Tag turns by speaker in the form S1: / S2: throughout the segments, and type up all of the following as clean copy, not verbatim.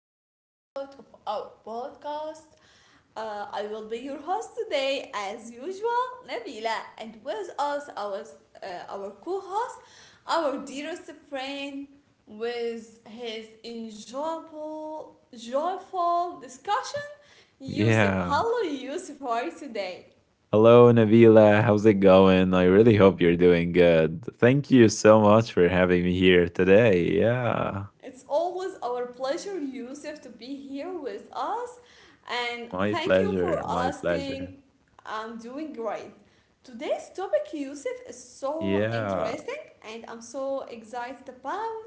S1: new episode of our podcast. I will be your host today, as usual, Nabila, and with us, our co host, our dearest friend, with his enjoyable, joyful discussion, Yusuf.
S2: Yeah.
S1: Hello, Yusuf, how are you today?
S2: Hello, Nabila. How's it going? I really hope you're doing good. Thank you so much for having me here today. Yeah.
S1: It's always our pleasure, Yusuf, to be here with us. And
S2: My
S1: thank you for
S2: pleasure. My pleasure.
S1: asking. I'm doing great. Today's topic, Yusuf, is so
S2: Yeah.
S1: interesting and I'm so excited about.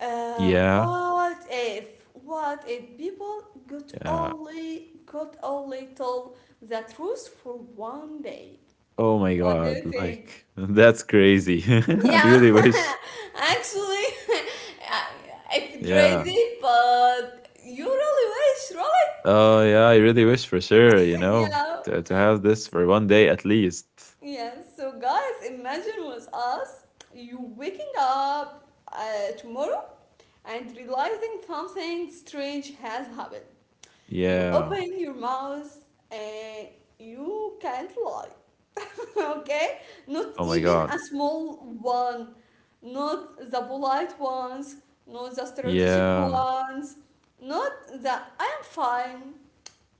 S2: Yeah.
S1: What if? What if people could
S2: Yeah.
S1: only could only tell the truth for one day?
S2: Oh my
S1: What do
S2: God.
S1: you think?
S2: Like, that's crazy. I
S1: Yeah,
S2: really wish.
S1: actually, I- it's
S2: Yeah.
S1: crazy, but you really wish, right?
S2: Oh, yeah. I really wish for sure, you know,
S1: Yeah.
S2: to have this for one day at least.
S1: Yes. So guys, imagine with us you waking up tomorrow and realizing something strange has happened. You
S2: Yeah.
S1: open your mouth and you can't lie. Okay? Not
S2: Oh my
S1: even a
S2: God.
S1: small one. Not the polite ones, not the strategic
S2: Yeah.
S1: ones, not the I'm fine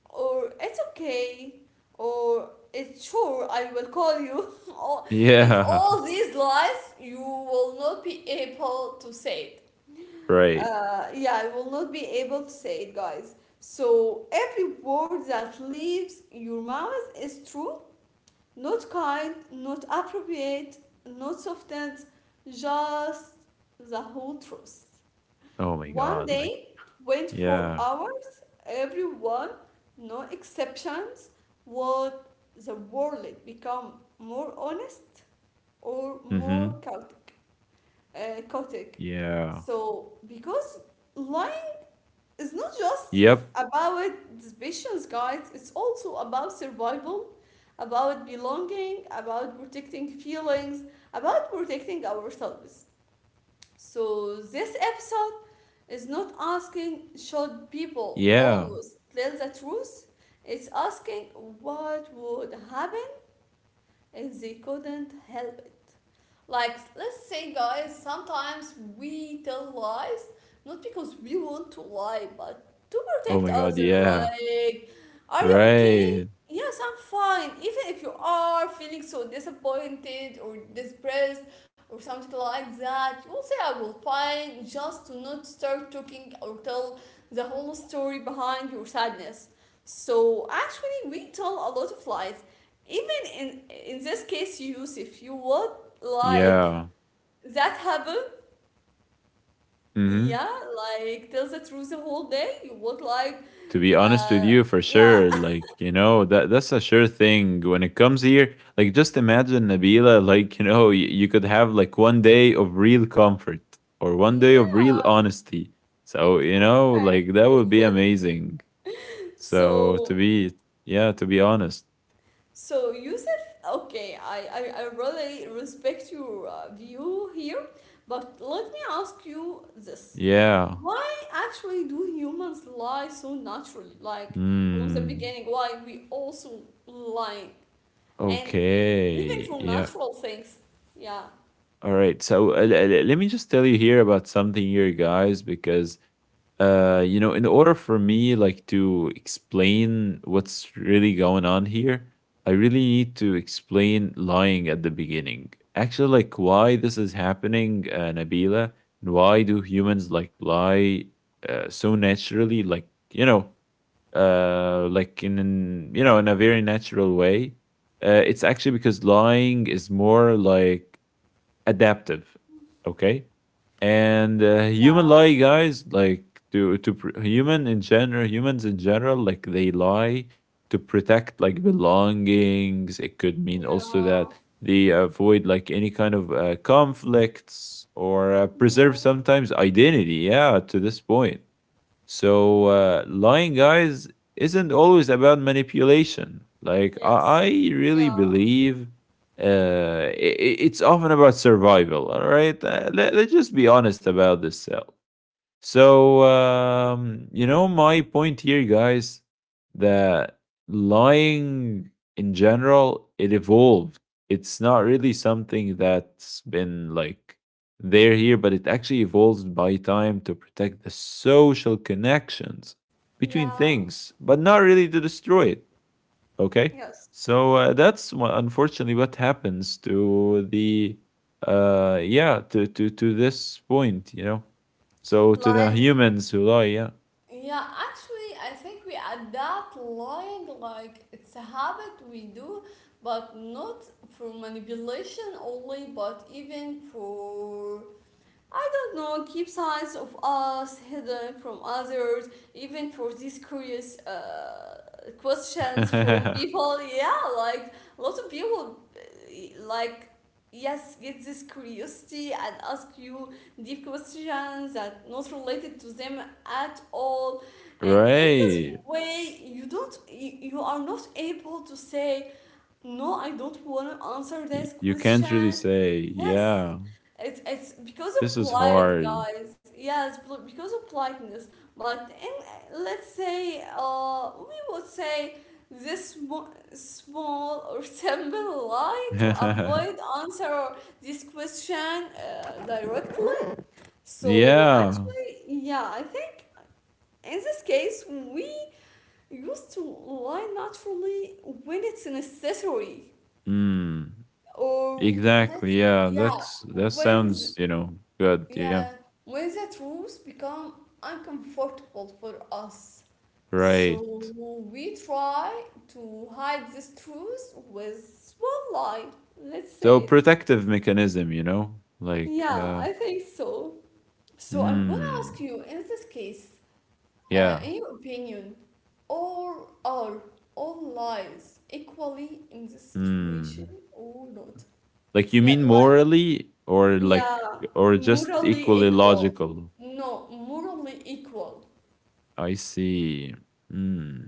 S1: or it's okay or it's sure I will call you. Or if
S2: Yeah.
S1: all these lies, you will not be able to say it.
S2: Right.
S1: Yeah, I will not be able to say it, guys. So every word that leaves your mouth is true, not kind, not appropriate, not softened, just the whole truth.
S2: Oh my
S1: One
S2: God. Like,
S1: day, 24
S2: yeah.
S1: hours, everyone, no exceptions, would the world become more honest or more
S2: Mhm.
S1: chaotic? Chaotic.
S2: Yeah.
S1: So because lying, it's not just
S2: Yep.
S1: about ambitions, guys. It's also about survival, about belonging, about protecting feelings, about protecting ourselves. So this episode is not asking should people
S2: Yeah.
S1: always tell the truth. It's asking what would happen if they couldn't help it. Like, let's say, guys, sometimes we tell lies not because we want to lie, but to protect
S2: Oh my
S1: others.
S2: God, yeah.
S1: Like, are you okay?
S2: Right.
S1: Yes, I'm fine. Even if you are feeling so disappointed or depressed or something like that, you will say, I will fine, just to not start talking or tell the whole story behind your sadness. So, actually, we tell a lot of lies even in this case, Yusuf, you would like
S2: Yeah.
S1: that happen,
S2: Mhm.
S1: yeah, like tell the truth the whole day, you would like,
S2: To be honest
S1: uh
S2: with you, for
S1: yeah.
S2: sure, like, you know, that's a sure thing when it comes here. Like, just imagine, Nabila. Like, you know, you could have like one day of real comfort or one day of real
S1: Yeah.
S2: honesty. So, you know,
S1: Okay,
S2: like, that would be amazing. So, to
S1: so,
S2: be yeah, to be honest.
S1: so Yusuf, okay, I really respect your view here, but let me ask you this,
S2: Yeah.
S1: why actually do humans lie so naturally, like from the
S2: Mm.
S1: beginning, why we also lying, and even
S2: Okay.
S1: from
S2: Yeah.
S1: natural things. Yeah.
S2: All right. So, let me just tell you here about something here, guys, because you know, in order for me, like, to explain what's really going on here, I really need to explain lying at the beginning. Actually, like, why this is happening, Nabila, and why do humans like lie so naturally? Like, you know, like, in an, you know in a very natural way. It's actually because lying is more like adaptive, okay? And, human
S1: Yeah.
S2: lie, guys, like, humans in general, like they lie to protect, like, belongings. It could mean also that
S1: Yeah.
S2: they avoid like any kind of conflicts or preserve
S1: Yeah.
S2: sometimes identity. Yeah, to this point. So, lying, guys, isn't always about manipulation. Like, I
S1: Yes.
S2: really
S1: Yeah.
S2: believe it's often about survival. All right. Let's just be honest about this. So, my point here, guys, that lying, in general, it evolved. It's not really something that's been, like, there here, but it actually evolved by time to protect the social connections between
S1: Yeah.
S2: things, but not really to destroy it. Okay.
S1: Yes.
S2: So, unfortunately what happens to the yeah, to this point. So to the
S1: Like,
S2: humans who lie, yeah.
S1: yeah, actually, I think we adapt lying, like it's a habit we do, but not for manipulation only, but even for, I don't know, keep sides of us hidden from others, even for these curious questions from people. Yeah, like a lot of people, like, yes, get this curiosity and ask you deep questions that not related to them at all. And in this
S2: Right.
S1: way, you don't, you are not able to say no, I don't want to answer this
S2: You can't really
S1: question.
S2: say,
S1: Yes,
S2: yeah,
S1: it's because
S2: this
S1: of
S2: is
S1: polite
S2: hard.
S1: guys. Yes, because of politeness. But in, let's say, we would say this small or simple lie to avoid answer this question directly. So
S2: Yeah.
S1: actually, yeah, I think in this case we used to lie naturally when it's necessary,
S2: Hmm.
S1: or let's,
S2: Exactly. Yeah.
S1: yeah,
S2: That
S1: when
S2: sounds, you know, good. Yeah.
S1: yeah, when the truth become uncomfortable for us,
S2: Right.
S1: so we try to hide this truth with one lie, let's
S2: So,
S1: say.
S2: protective mechanism, like.
S1: Yeah, I think so. So I want to
S2: Hmm.
S1: ask you in this case,
S2: Yeah.
S1: in your opinion, or are all lies equally in this situation
S2: Hmm.
S1: or not?
S2: Like, you
S1: Yeah,
S2: mean
S1: like,
S2: morally, or like
S1: yeah,
S2: or just
S1: morally
S2: equally
S1: equal.
S2: logical?
S1: No, morally equal.
S2: I see. Hmm.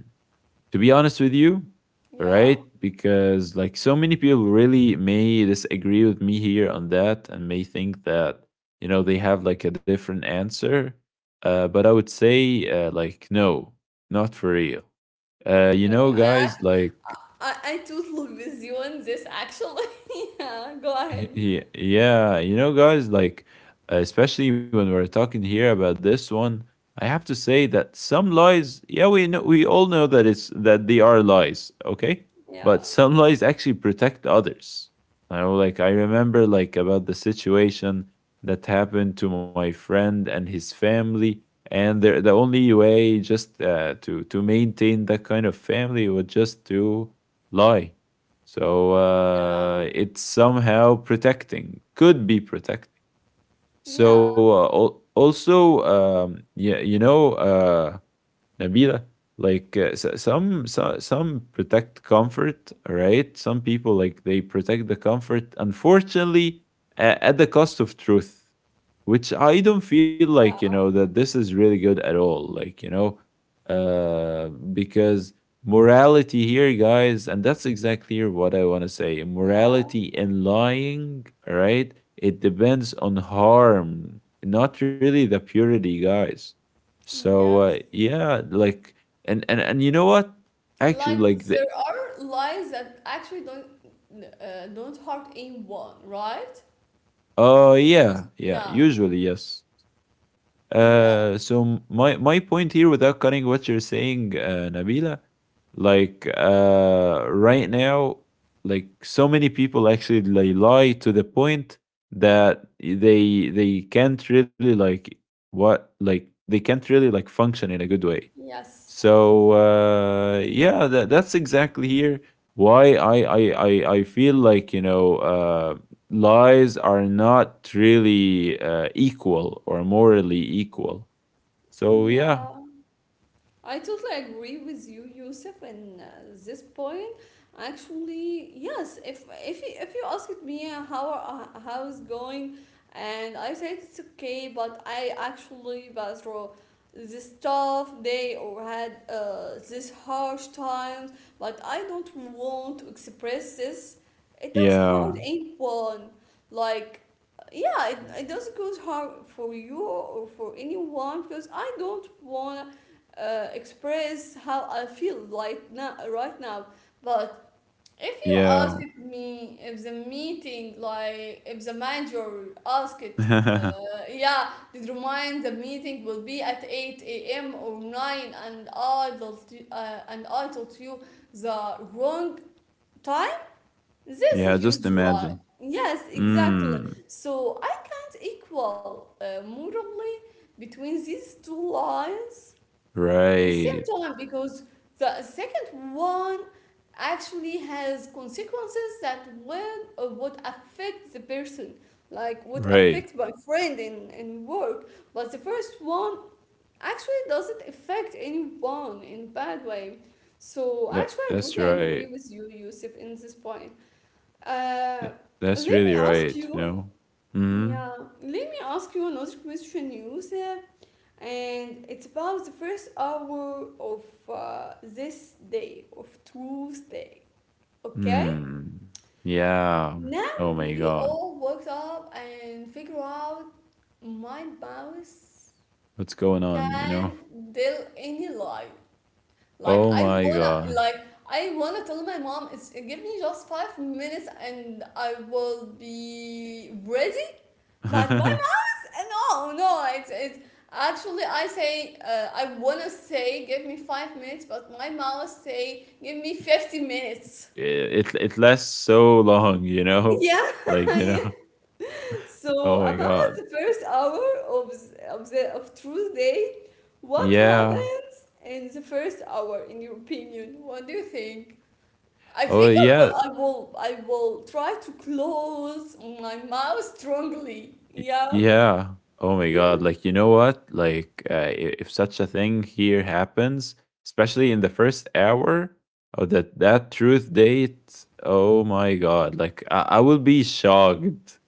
S2: To be honest with you,
S1: Yeah.
S2: right? Because, like, so many people really may disagree with me here on that and may think that they have like a different answer. But I would say, like, no, not for real. You
S1: Okay.
S2: know, guys, like,
S1: I totally with you on this actually. Yeah. Go ahead.
S2: yeah, yeah, guys, like, especially when we're talking here about this one, I have to say that some lies, yeah, we know, we all know that it's that they are lies, okay?
S1: Yeah.
S2: But some lies actually protect others. I know, like, I remember, like, about the situation that happened to my friend and his family, and the only way just to maintain that kind of family was just to lie. So,
S1: Yeah.
S2: it's somehow protecting, could be protecting.
S1: Yeah.
S2: So, also, yeah, Nabila, like, so, some protect comfort, right? Some people, like, they protect the comfort, unfortunately, at the cost of truth, which I don't feel, like,
S1: Yeah.
S2: that this is really good at all. Like, uh, because morality here, guys, and that's exactly what I want to say.
S1: Yeah.
S2: Morality in lying, right? It depends on harm, not really the purity, guys. So,
S1: Yes.
S2: yeah, like, and you know what? Actually,
S1: Like,
S2: like the
S1: there are lies that actually don't hurt anyone, right?
S2: oh,
S1: That
S2: yeah,
S1: was,
S2: yeah.
S1: yeah.
S2: Usually, yes.
S1: Yeah.
S2: So my point here, without cutting what you're saying, Nabila, like, right now, like, so many people actually they lie to the point that they can't really like what like they can't really like function in a good way.
S1: Yes.
S2: So, yeah, that's exactly here why I feel like, lies are not really equal or morally equal. So, yeah,
S1: Yeah. I totally agree with you, Yusuf, in this point. Actually, yes. If you asked me how, how is going, and I said it's okay, but I actually passed through this tough day or had this harsh times, but I don't want to express this. It does
S2: yeah,
S1: hurt anyone. Like, yeah, it doesn't go hard for you or for anyone because I don't want, express how I feel right now. Right now, but if you
S2: yeah,
S1: asked me if the meeting, like if the manager asked,
S2: yeah.
S1: yeah, did remind the meeting will be at 8 a.m. or 9, and I told you the wrong time. This is a
S2: Just
S1: huge lie.
S2: imagine.
S1: Yes, exactly.
S2: Mm,
S1: So I can't equal morally between these two lies in same
S2: right,
S1: time because the second one actually has consequences that will would affect the person, like would
S2: right.
S1: affect my friend in work, but the first one actually doesn't affect anyone in bad way. So
S2: That
S1: actually I
S2: that's
S1: totally agree
S2: right.
S1: with you, Yusuf, in this point. uh,
S2: That, that's
S1: Let me
S2: really
S1: ask
S2: right. You
S1: you,
S2: know. Hmm.
S1: yeah, let me ask you another question, Yusuf, and it's about the first hour of this day, of Tuesday. Okay?
S2: Hmm. Yeah.
S1: Now
S2: Oh my
S1: we
S2: God.
S1: all woke up and figure out my mouse
S2: What's going on? You know.
S1: can tell any lie.
S2: Oh my God.
S1: Like I wanna tell my mom, it's give me just 5 minutes and I will be ready. But my,
S2: it
S1: no, no, it's actually I say, I want to say give me 5 minutes but my mouth say give me 50 minutes.
S2: it lasts so long. You know.
S1: Yeah,
S2: Like, you
S1: yeah.
S2: know.
S1: So
S2: Oh my
S1: about
S2: God.
S1: the first hour of s- of the of Tuesday, what
S2: Yeah.
S1: happens in the first hour in your opinion? What do you think? I
S2: Oh,
S1: think i will
S2: yeah.
S1: i will i will try to close my mouth strongly, yeah.
S2: Yeah. Oh my
S1: Yeah.
S2: God. Like, you know what? Like, if such a thing here happens, especially in the first hour of that truth date, oh my God. Like, I will be shocked,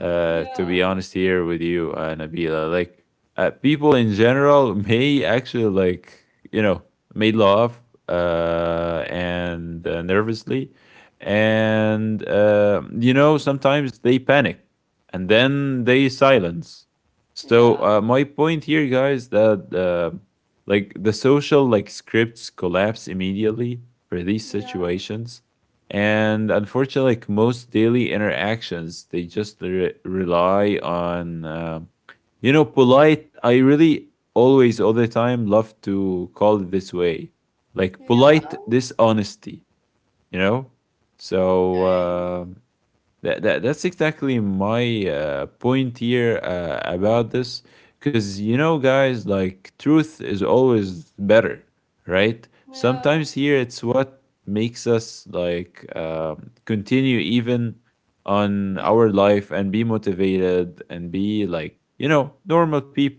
S2: to be
S1: Yeah,
S2: honest here with you, Nabila. Like, people in general may actually, you know, may laugh, and nervously. And, sometimes they panic and then they silence. So,
S1: yeah,
S2: my point here, guys, that like, the social like scripts collapse immediately for these
S1: yeah.
S2: situations, and unfortunately, like most daily interactions, they just rely on polite. I really always all the time love to call it this way, like
S1: Yeah.
S2: polite dishonesty. You know, so.
S1: Okay.
S2: Uh, that's exactly my point here about this. Because, guys, like, truth is always better, right?
S1: Yeah.
S2: Sometimes here it's what makes us, like, continue even on
S1: Yeah.
S2: our life and be motivated and be like, normal people.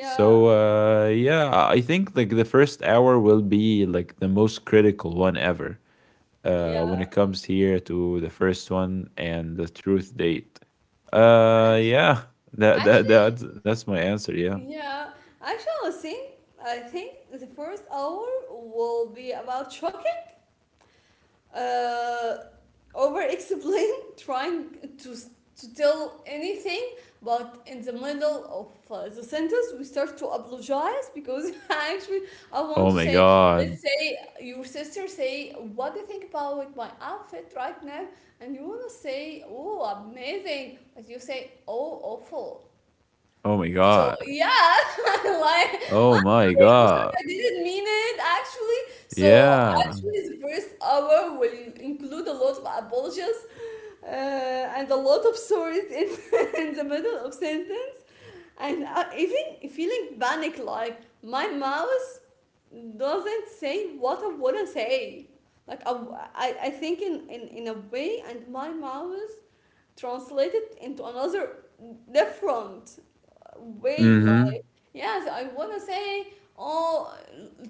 S2: So, yeah, I think like the first hour will be like the most critical one ever, when
S1: Yeah.
S2: it comes here to the first one and the truth date. Yeah, that that that's
S1: Actually,
S2: that's my answer. Yeah.
S1: yeah. Actually, I think, I think the first hour will be about shocking. uh, Over explain, trying to to tell anything, but in the middle of the sentence we start to apologize because, actually, I want
S2: Oh
S1: to
S2: my
S1: say,
S2: God.
S1: let's say your sister say what do you think about my outfit right now, and you want to say oh amazing but you say oh awful.
S2: Oh my
S1: So
S2: God.
S1: yeah, like,
S2: Oh my
S1: I'm sorry,
S2: God.
S1: I didn't mean it actually. So
S2: Yeah.
S1: actually, the first hour will include a lot of apologies and a lot of sorries in, in the middle of sentence, and even feeling panic like my mouth doesn't say what I wanna say. Like I think in, in a way, and my mouth translated into another different way,
S2: Mm-hmm.
S1: like, yes, I want to say oh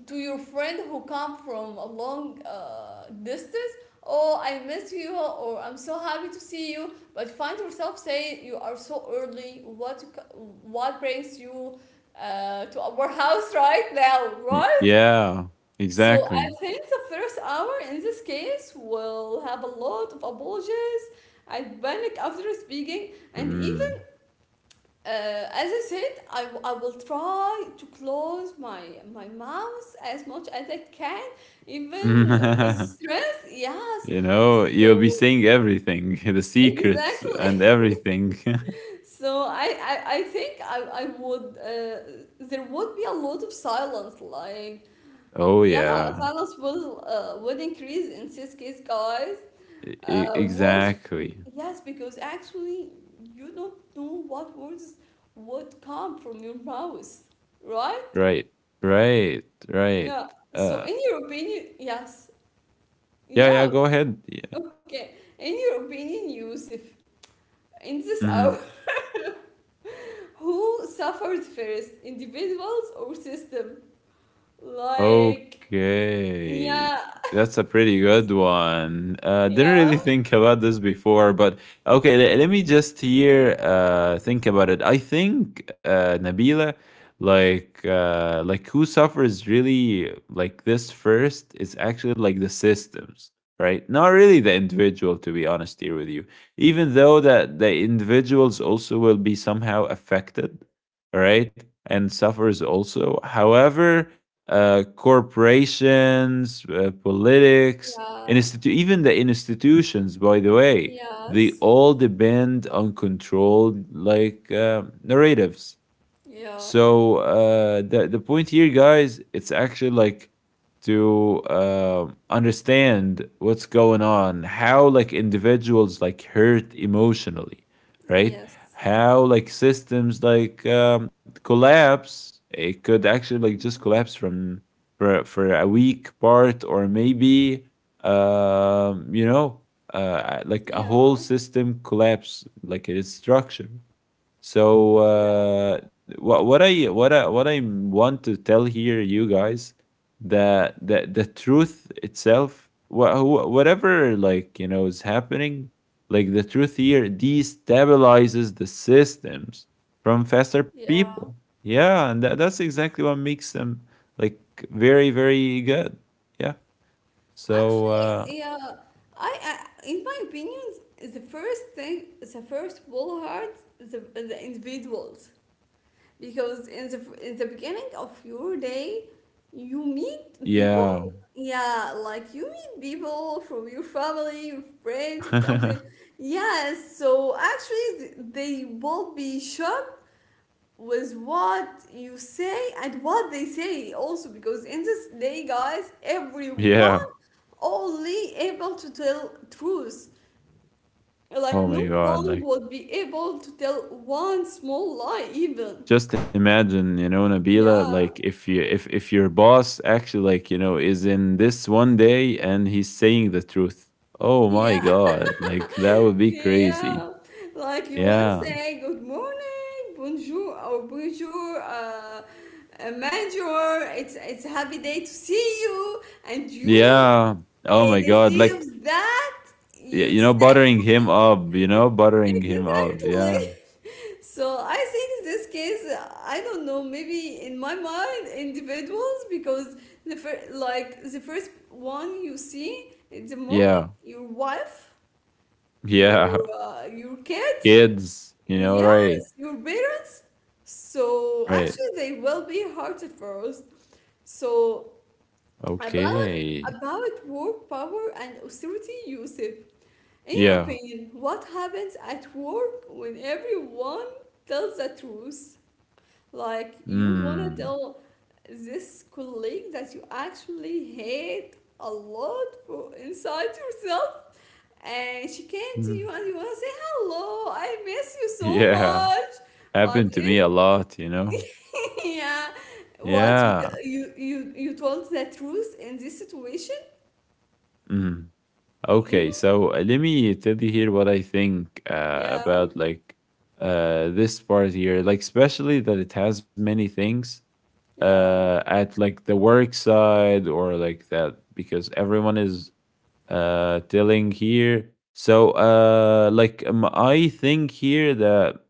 S1: to your friend who come from a long distance, oh I miss you or I'm so happy to see you, but find yourself say you are so early, what brings you to our house right now, right?
S2: Yeah.
S1: So I
S2: Exactly.
S1: think the first hour in this case will have a lot of apologies and panic after speaking, and even,
S2: Mm.
S1: as I said, I will try to close my my mouth as much as I can, even with stress. Yes,
S2: You'll be
S1: so
S2: saying everything, the secrets
S1: exactly.
S2: and everything.
S1: So I think I would, there would be a lot of silence, like,
S2: Oh,
S1: yeah,
S2: yeah.
S1: finance will increase in this case, guys. Words,
S2: Exactly.
S1: yes, because actually you don't know what words would come from your mouth, right?
S2: Right. Right. Right.
S1: Yeah. So
S2: Uh,
S1: in your opinion, yes.
S2: Yeah, yeah,
S1: Yeah.
S2: go ahead. Yeah.
S1: Okay. In your opinion, Yusuf, in this hour,
S2: Hmm.
S1: who suffered first, individuals or system? Like, yeah,
S2: Okay. That's a pretty good one. Didn't
S1: yeah,
S2: really think about this before, but okay, let me just here think about it. I think, Nabila, like, like, who suffers really like this first is actually like the systems, right? Not really the individual, to be honest here with you. Even though that the individuals also will be somehow affected, all right, and suffers also. However, corporations, politics,
S1: yeah,
S2: even the institutions, by the way, they
S1: yes.
S2: all depend on controlled like narratives.
S1: Yeah,
S2: So, the point here, guys, it's actually like to understand what's going on, how like individuals like hurt emotionally, right?
S1: yes.
S2: How like systems like collapse. It could actually like just collapse from for a weak part, or maybe um, you know like a
S1: Yeah,
S2: whole system collapse, like its structure. So,
S1: yeah,
S2: what I want to tell here, you guys, that the truth itself, whatever, like, is happening, like the truth here destabilizes the systems from faster
S1: yeah.
S2: people. Yeah, and that's exactly what makes them like very, very good. Yeah. So,
S1: Actually, yeah, I in my opinion, the first thing, the first wall hurts the individuals because in the beginning of your day, you meet people.
S2: yeah,
S1: Yeah, like you meet people from your family, your friends, or something. Yes, so actually, they will be shocked with what you say and what they say also because in this day, guys,
S2: yeah.
S1: everyone only able to tell truth, like
S2: Oh
S1: no
S2: my God,
S1: one
S2: like.
S1: would be able to tell one small lie even.
S2: Just imagine, Nabila,
S1: Yeah.
S2: like, if your boss actually, like, is in this one day and he's saying the truth, oh my
S1: Yeah.
S2: God, like that would be crazy.
S1: Yeah, like you want to
S2: Yeah,
S1: say good morning bonjour or bonjour manager, it's a happy day to see you, and you,
S2: yeah. Oh my God,
S1: instead
S2: like,
S1: of that, you said
S2: buttering him up, buttering him up.
S1: exactly.
S2: Yeah
S1: So I think this case, I don't know, maybe in my mind, individuals, because like the first one you see in the morning,
S2: yeah
S1: your wife, your
S2: yeah.
S1: your kids,
S2: Kids, you know. Right.
S1: yes, your parents. So
S2: Right.
S1: actually, they will be hurted first. So about
S2: Okay.
S1: about work power and authority, you said, in your
S2: Yeah.
S1: opinion, what happens at work when everyone tells the truth? Like, you
S2: Mm.
S1: wanna tell this colleague that you actually hate a lot for inside yourself, and she came to you
S2: Mm.
S1: and you wanna say, Hello, I miss you so
S2: Yeah,
S1: much. But
S2: happened to me
S1: it's,
S2: a lot.
S1: yeah, what you,
S2: Yeah.
S1: you told the truth in this situation?
S2: Mhm. Okay.
S1: Mm,
S2: So, let me tell you here what I think
S1: yeah,
S2: about like this part here, like, especially that it has many things
S1: yeah.
S2: at like the work side or like that because everyone is telling here. So, like, I think here that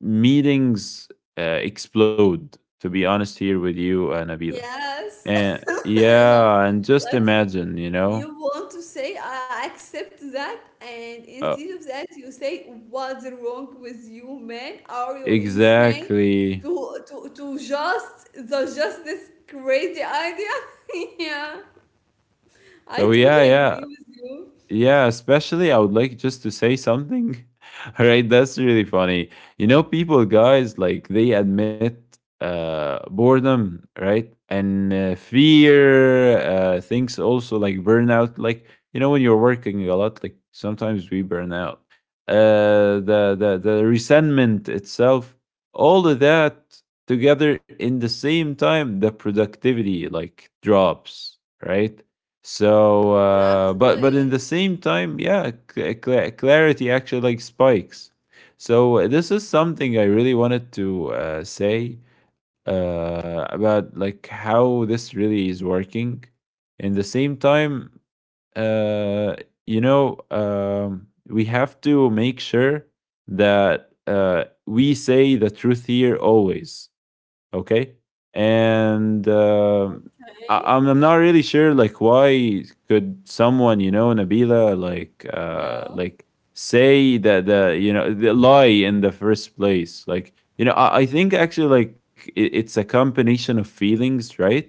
S2: meetings explode. To be honest, here with you, Nabila,
S1: Yes.
S2: and
S1: Like,
S2: yeah, and just
S1: like you
S2: imagine.
S1: you want to say, I accept that, and
S2: uh,
S1: instead of that, you say, what's wrong with you, man? Are you insane?
S2: Exactly.
S1: To just the just this crazy idea? Yeah, I
S2: So,
S1: totally
S2: yeah, yeah.
S1: agree with you.
S2: Yeah, especially I would like just to say something. Right, that's really funny. People, guys, like, they admit boredom, right? And fear, things also like burnout. Like, when you're working a lot, like, sometimes we burn out. The resentment itself, all of that together in the same time, the productivity like drops, right? So, but in the
S1: Exactly.
S2: same time, yeah, clarity actually like spikes. So, this is something I really wanted to say about like how this really is working. In the same time, uh, we have to make sure that we say the truth here always. Okay. And um I-
S1: Okay.
S2: I'm, I'm not really sure, like, why could someone, you know, Nabila, like, uh,
S1: Yeah.
S2: like, say that the you know the lie in the first place. I think actually it's a combination of feelings, right?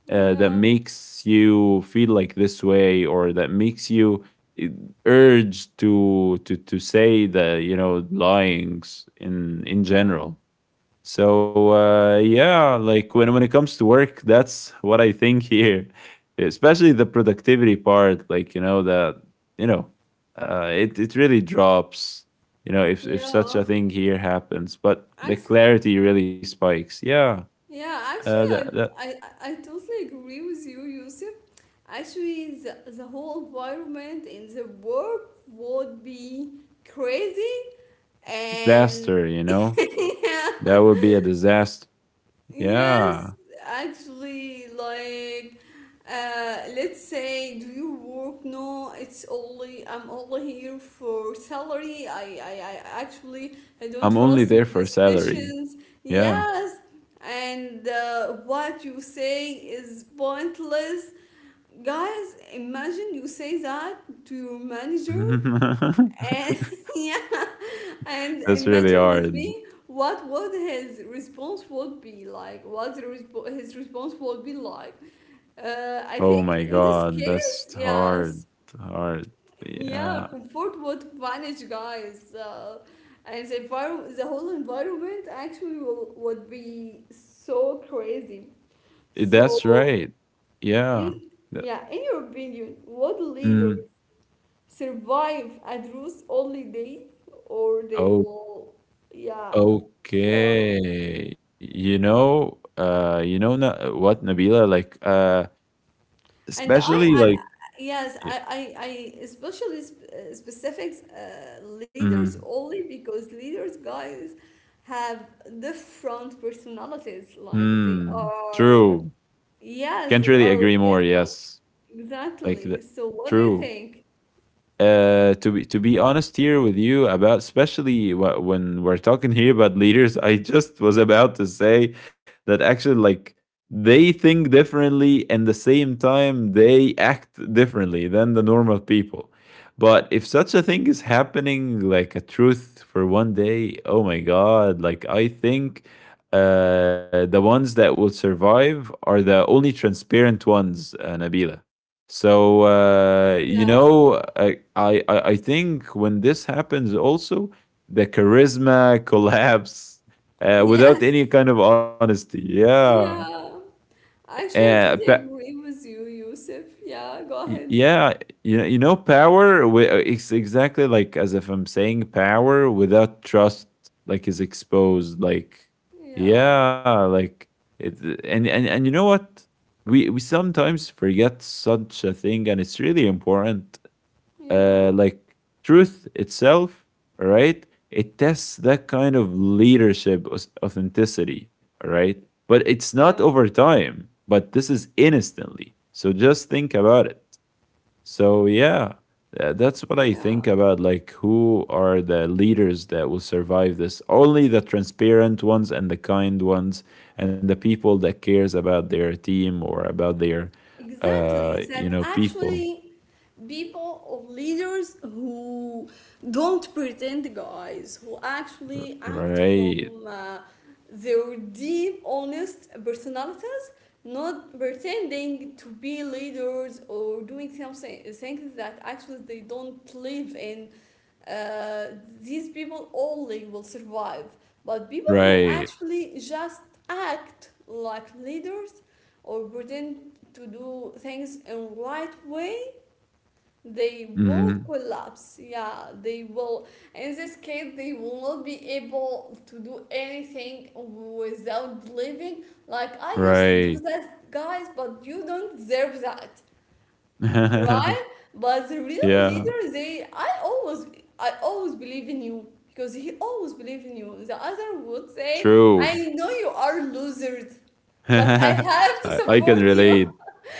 S2: That
S1: Yeah.
S2: makes you feel like this way, or that makes you uh, urge to say the, lyings in
S1: Yeah.
S2: general. So yeah, like when it comes to work, that's what I think here, especially the productivity part. Like you know that you know it it really drops, you know, if such
S1: Yeah.
S2: a thing here happens, but the
S1: Acc-
S2: clarity really spikes. Yeah.
S1: Yeah,
S2: uh that,
S1: actually,
S2: that
S1: I, I, I totally agree with you, Yusuf. Actually, the whole environment in the work would be crazy and
S2: disaster, you know.
S1: yeah.
S2: That would be a disaster.
S1: Yes,
S2: Yeah.
S1: actually, like, let's say, do you work? No, it's only I'm only here for salary. I actually I don't
S2: I'm only
S1: trust
S2: there
S1: your
S2: for salary.
S1: decisions.
S2: Yeah.
S1: Yes, and what you say is pointless, guys. Imagine you say that to your manager. And yeah, and
S2: That's really
S1: imagine with
S2: hard.
S1: me what would his response would be like. What the his response would be like. I
S2: Oh
S1: think
S2: my
S1: in this
S2: god,
S1: case,
S2: that's
S1: yes,
S2: hard. Hard.
S1: yeah,
S2: Yeah.
S1: comfort would vanish, guys, and the the whole environment actually would be so crazy.
S2: That's
S1: So
S2: right. Yeah.
S1: in
S2: Th-
S1: yeah, in your opinion, what leader
S2: Mm.
S1: survive at Roost only day, or they
S2: Oh,
S1: will, yeah, fail.
S2: okay. Nabila? Like,
S1: And I,
S2: especially
S1: I
S2: like,
S1: yes,
S2: yeah.
S1: I especially specific leaders
S2: Mm,
S1: only because leaders, guys, have different personalities. Like they
S2: mm,
S1: are,
S2: true.
S1: yes, they
S2: Can't
S1: are
S2: really agree more.
S1: different.
S2: Yes.
S1: Exactly.
S2: Like the
S1: So what do you
S2: true.
S1: think?
S2: To be honest here with you about, especially when we're talking here about leaders, I just was about to say that actually, like, they think differently, and the same time they act differently than the normal people. But if such a thing is happening, like a truth for one day, oh my god! Like I think the ones that will survive are the only transparent ones, Nabila. So you
S1: Yeah.
S2: know, I think when this happens, also the charisma collapse without
S1: Yes.
S2: any kind of honesty. Yeah.
S1: Yeah. Actually, I
S2: uh,
S1: totally
S2: pa-
S1: agree with you, Yusuf. Yeah, go ahead.
S2: yeah, you know, power. It's exactly like as if I'm saying power without trust, like, is exposed. Like,
S1: Yeah,
S2: yeah, like it. And you know what? We sometimes forget such a thing, and it's really important,
S1: yeah,
S2: like, truth itself, all right? It tests that kind of leadership authenticity, all right? But it's not
S1: yeah,
S2: over time, but this is instantly. So just think about it. So yeah, that's what I
S1: yeah.
S2: think about, like, who are the leaders that will survive this? Only the transparent ones and the kind ones, and the people that cares about their team or about their,
S1: Exactly.
S2: you
S1: That
S2: know, people.
S1: actually people or leaders who don't pretend, guys, who actually act
S2: Right.
S1: from their deep, honest personality, not pretending to be leaders or doing something things that actually they don't live in, uh, these people only will survive, but people who
S2: Right.
S1: actually just act like leaders or pretend to do things in right way, they will
S2: Mhm.
S1: collapse. Yeah, they will. In this case, they will not be able to do anything without believing. Like I used to do
S2: Right.
S1: that, guys, but you don't deserve that, right? But the real
S2: Yeah.
S1: leader, they, I always believe in you because he always believe in you. The other would say, I
S2: True.
S1: know you are losers, but I have to
S2: I can
S1: support you.
S2: relate.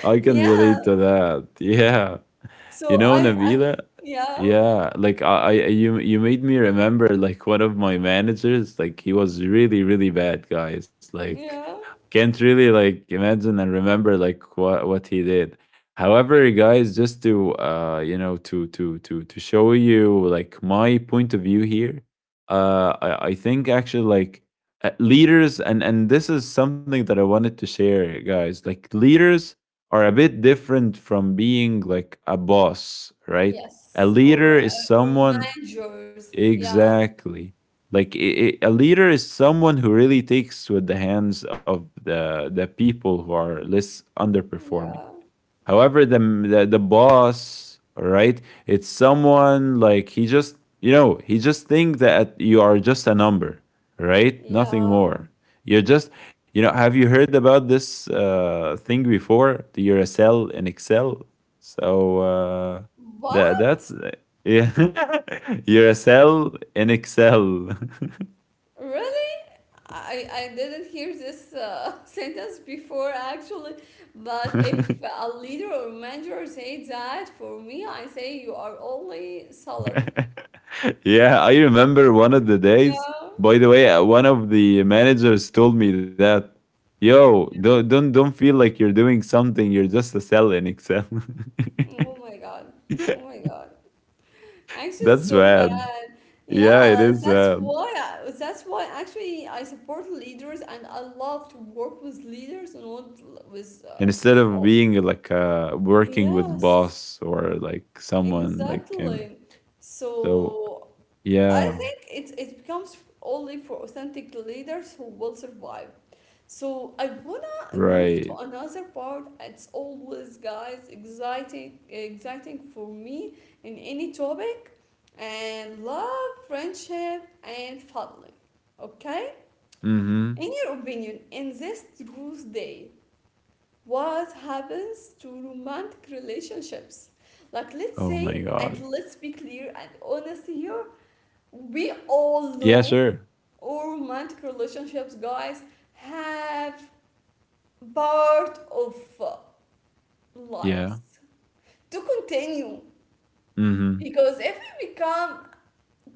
S2: I can
S1: Yeah.
S2: relate to that. Yeah.
S1: So
S2: You know, Nabila,
S1: yeah,
S2: yeah, like, I you made me remember, like, one of my managers. Like, he was really, really bad, guys. Like,
S1: yeah.
S2: can't really, like, imagine and remember like what he did. However, guys, just to you know, to show you like my point of view here, I think actually, like, leaders, and this is something that I wanted to share, guys. Like, leaders are a bit different from being like a boss, right? A
S1: Yes,
S2: leader is
S1: or
S2: someone,
S1: managers. Yeah,
S2: exactly like, a leader is someone who really takes with the hands of the people who are less underperforming.
S1: yeah,
S2: However, the the boss, right? It's someone like he just, you know, he just think that you are just a number, right? Nothing
S1: yeah.
S2: more. You're just, you know. Have you heard about this thing before? You're a cell in Excel. So that that's
S1: What?
S2: yeah. You're a cell in Excel.
S1: Really? I didn't hear this sentence before actually, but if a leader or manager say that for me, I say you are only salary.
S2: Yeah, I remember one of the days.
S1: Yeah.
S2: By the way, one of the managers told me that, "Yo,
S1: Yeah.
S2: don't feel like you're doing something. You're just a cell in Excel."
S1: Oh my God. Oh my God. Actually, it's
S2: That's
S1: so
S2: bad.
S1: bad.
S2: Yeah, it
S1: Yeah,
S2: is
S1: that's
S2: bad.
S1: why that's why actually I support leaders and I love to work with leaders and what with
S2: Instead of
S1: oh,
S2: being like working with
S1: yes,
S2: boss or like someone like him.
S1: exactly.
S2: So
S1: So I
S2: yeah,
S1: think it becomes only for authentic leaders who will survive. So I wanna move
S2: right.
S1: to another part. It's always, guys, exciting, exciting for me in any topic, and love, friendship, and family. Okay?
S2: Mm-hmm.
S1: In your opinion, in this Truth Day, what happens to romantic relationships? Like, let's
S2: Oh my
S1: say, and
S2: god.
S1: let's be clear and honest here, we all
S2: Yeah,
S1: know
S2: sure.
S1: all romantic relationships, guys, have part of uh,
S2: Yeah.
S1: lives to continue
S2: Mm-hmm.
S1: because if we become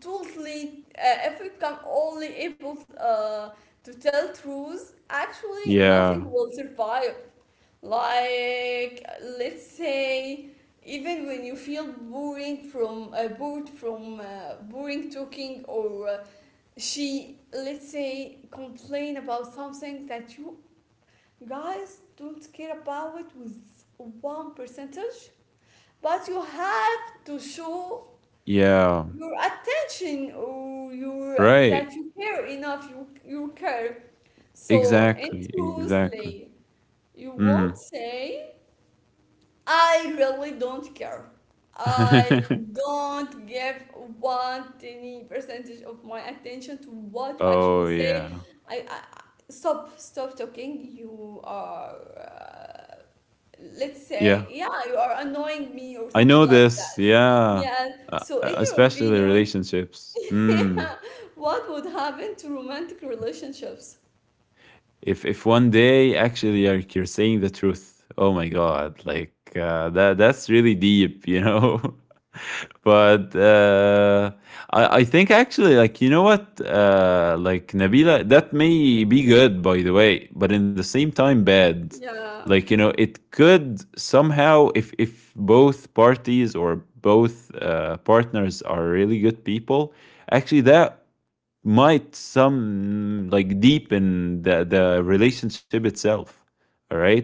S1: totally if we become only able to tell truths, actually
S2: Yeah.
S1: nothing will survive. Like, let's say, even when you feel boring from bored from boring talking or she let's say complain about something that you, guys, don't care about it with one percentage, but you have to show
S2: Yeah.
S1: your attention or your
S2: Right.
S1: that you care enough. You care. So, and
S2: Exactly, exactly.
S1: truthfully, you
S2: Mhm.
S1: won't say, "I really don't care. I don't give one tiny percentage of my attention to what you actually
S2: Oh,
S1: say.
S2: yeah.
S1: I stop, stop talking. You are, uh, let's say,
S2: Yeah.
S1: yeah, you are annoying me or
S2: I
S1: something
S2: know
S1: like that."
S2: this, yeah.
S1: Yeah.
S2: Uh,
S1: So, in your
S2: Especially the
S1: opinion,
S2: relationships. Mm.
S1: what would happen to romantic relationships?
S2: If one day actually, like, you're saying the truth, oh my God, like, that that's really deep, you know? But I think actually, like, you know what, like, Nabila, that may be good, by the way, but in the same time bad.
S1: Yeah.
S2: Like, you know, it could somehow, if both parties or both, partners are really good people, actually that might some, like, deepen the relationship itself, all right?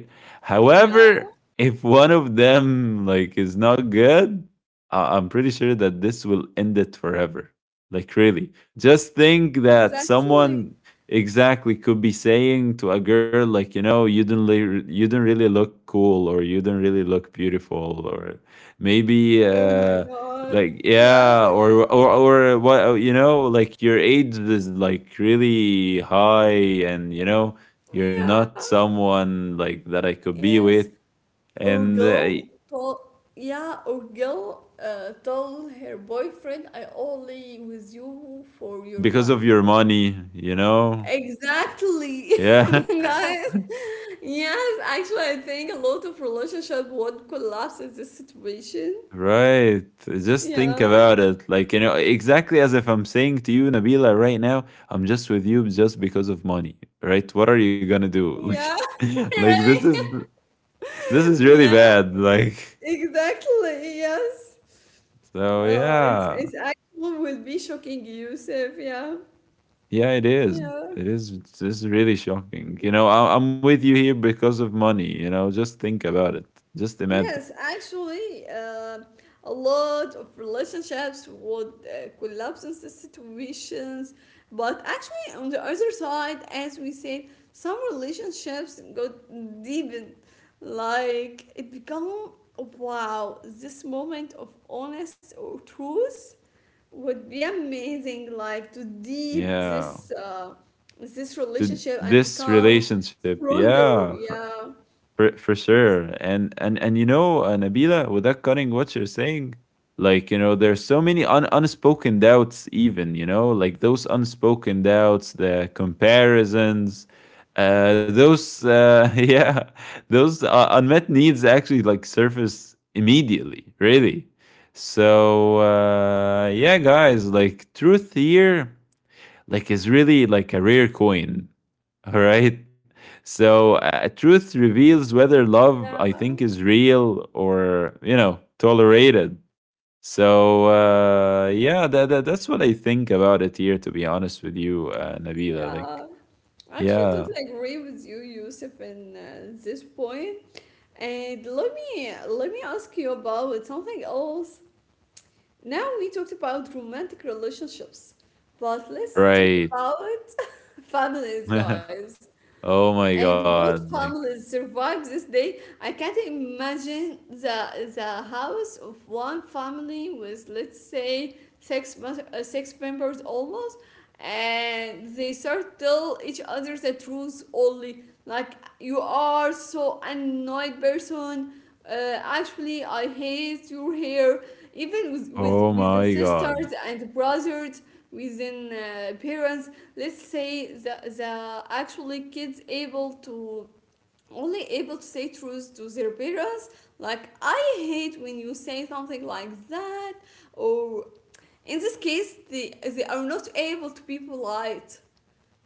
S1: Yeah.
S2: However, if one of them, like, is not good, I'm pretty sure that this will end it forever. Like, really, just think that
S1: Exactly.
S2: someone exactly could be saying to a girl, like, you know, you don't li- you don't really look cool, or you don't really look beautiful, or maybe
S1: Oh my God.
S2: like,
S1: Yeah.
S2: yeah, or what, you know, like, your age is like really high, and you know, you're not
S1: Yeah.
S2: someone like that I could be
S1: Yes.
S2: with.
S1: Or
S2: And
S1: girl told, yeah, or girl told her boyfriend, I only with you for your
S2: because
S1: money.
S2: of your money, you know.
S1: Exactly,
S2: Yeah.
S1: guys. Yes, actually, I think a lot of relationship would collapse in this situation.
S2: Right, just think
S1: Yeah,
S2: about it. Like, you know, exactly as if I'm saying to you, Nabila, right now, I'm just with you just because of money. Right? What are you going to do? Like,
S1: yeah,
S2: this
S1: really.
S2: is, this is really
S1: Yeah,
S2: bad, like.
S1: exactly. Yes.
S2: So
S1: Oh, it's
S2: yeah.
S1: it's actually will be shocking, Yusuf. Yeah,
S2: Yeah, it is.
S1: yeah.
S2: It is. It's really shocking. You know, I, I'm with you here because of money. You know, just think about it. Just imagine.
S1: Yes, actually, a lot of relationships would collapse in these situations. But actually, on the other side, as we said, some relationships got deepened. Like it become wow, this moment of honest or truth would be amazing. Like to deep
S2: Yeah.
S1: this this
S2: To
S1: relationship and
S2: this
S1: become
S2: relationship.
S1: stronger.
S2: Yeah.
S1: Yeah,
S2: For sure. And, and you know, Nabila, without cutting what you're saying, like, you know, there's so many unspoken doubts, even, you know, like those unspoken doubts, the comparisons, those yeah, those, unmet needs actually like surface immediately, really. So yeah, guys, like, truth here, like, is really like a rare coin. All right. So, truth reveals whether love, I
S1: yeah.
S2: think, is real or, you know, tolerated. So, yeah, that's what I think about it here, to be honest with you, Nabila.
S1: Yeah,
S2: Like,
S1: I actually
S2: yeah,
S1: totally agree with you, Yusuf, in this point. And let me ask you about something else. Now we talked about romantic relationships, but let's talk
S2: right.
S1: about families, guys.
S2: Oh my
S1: And what
S2: God. Like,
S1: families survive this day? I can't imagine the house of one family with let's say six six members almost, and they start tell each other the truth only. Like you are so annoyed person. Actually, I hate your hair. Even with
S2: oh
S1: within
S2: my
S1: sisters
S2: God.
S1: and brothers, within parents, let's say the actually kids able to only able to say truth to their parents, like I hate when you say something like that, or in this case they are not able to be polite,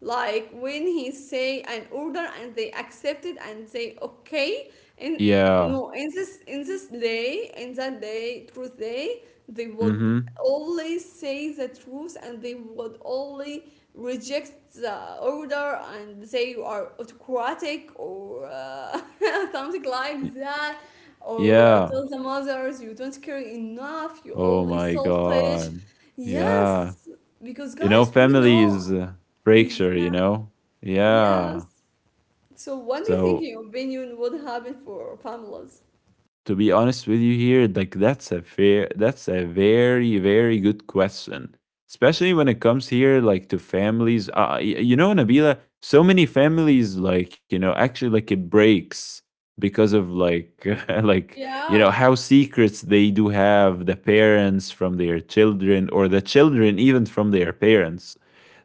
S1: like when he say an order and they accept it and say okay, and
S2: Yeah.
S1: no, in this in this day, in that day, truth day, they would
S2: Mm
S1: always say the truth, and they would only reject the order and say you are autocratic, or something
S2: hmm.
S1: like that, or
S2: Yeah.
S1: tell the mothers you don't care enough, you
S2: Oh
S1: only
S2: my
S1: selfish.
S2: God. Yeah.
S1: Yes, because
S2: You know,
S1: guys, we
S2: family
S1: know,
S2: is, fracture, you
S1: yeah.
S2: know? Yeah.
S1: Yes. So what do you
S2: So,
S1: think your opinion would happen for families?
S2: to be honest with you here, like, that's a fair, that's a very, very good question, especially when it comes here, like, to families. You know, Nabila, so many families, like, you know, actually, like, it breaks because of like like, you know,
S1: Yeah.
S2: how secrets they do have, the parents from their children, or the children even from their parents.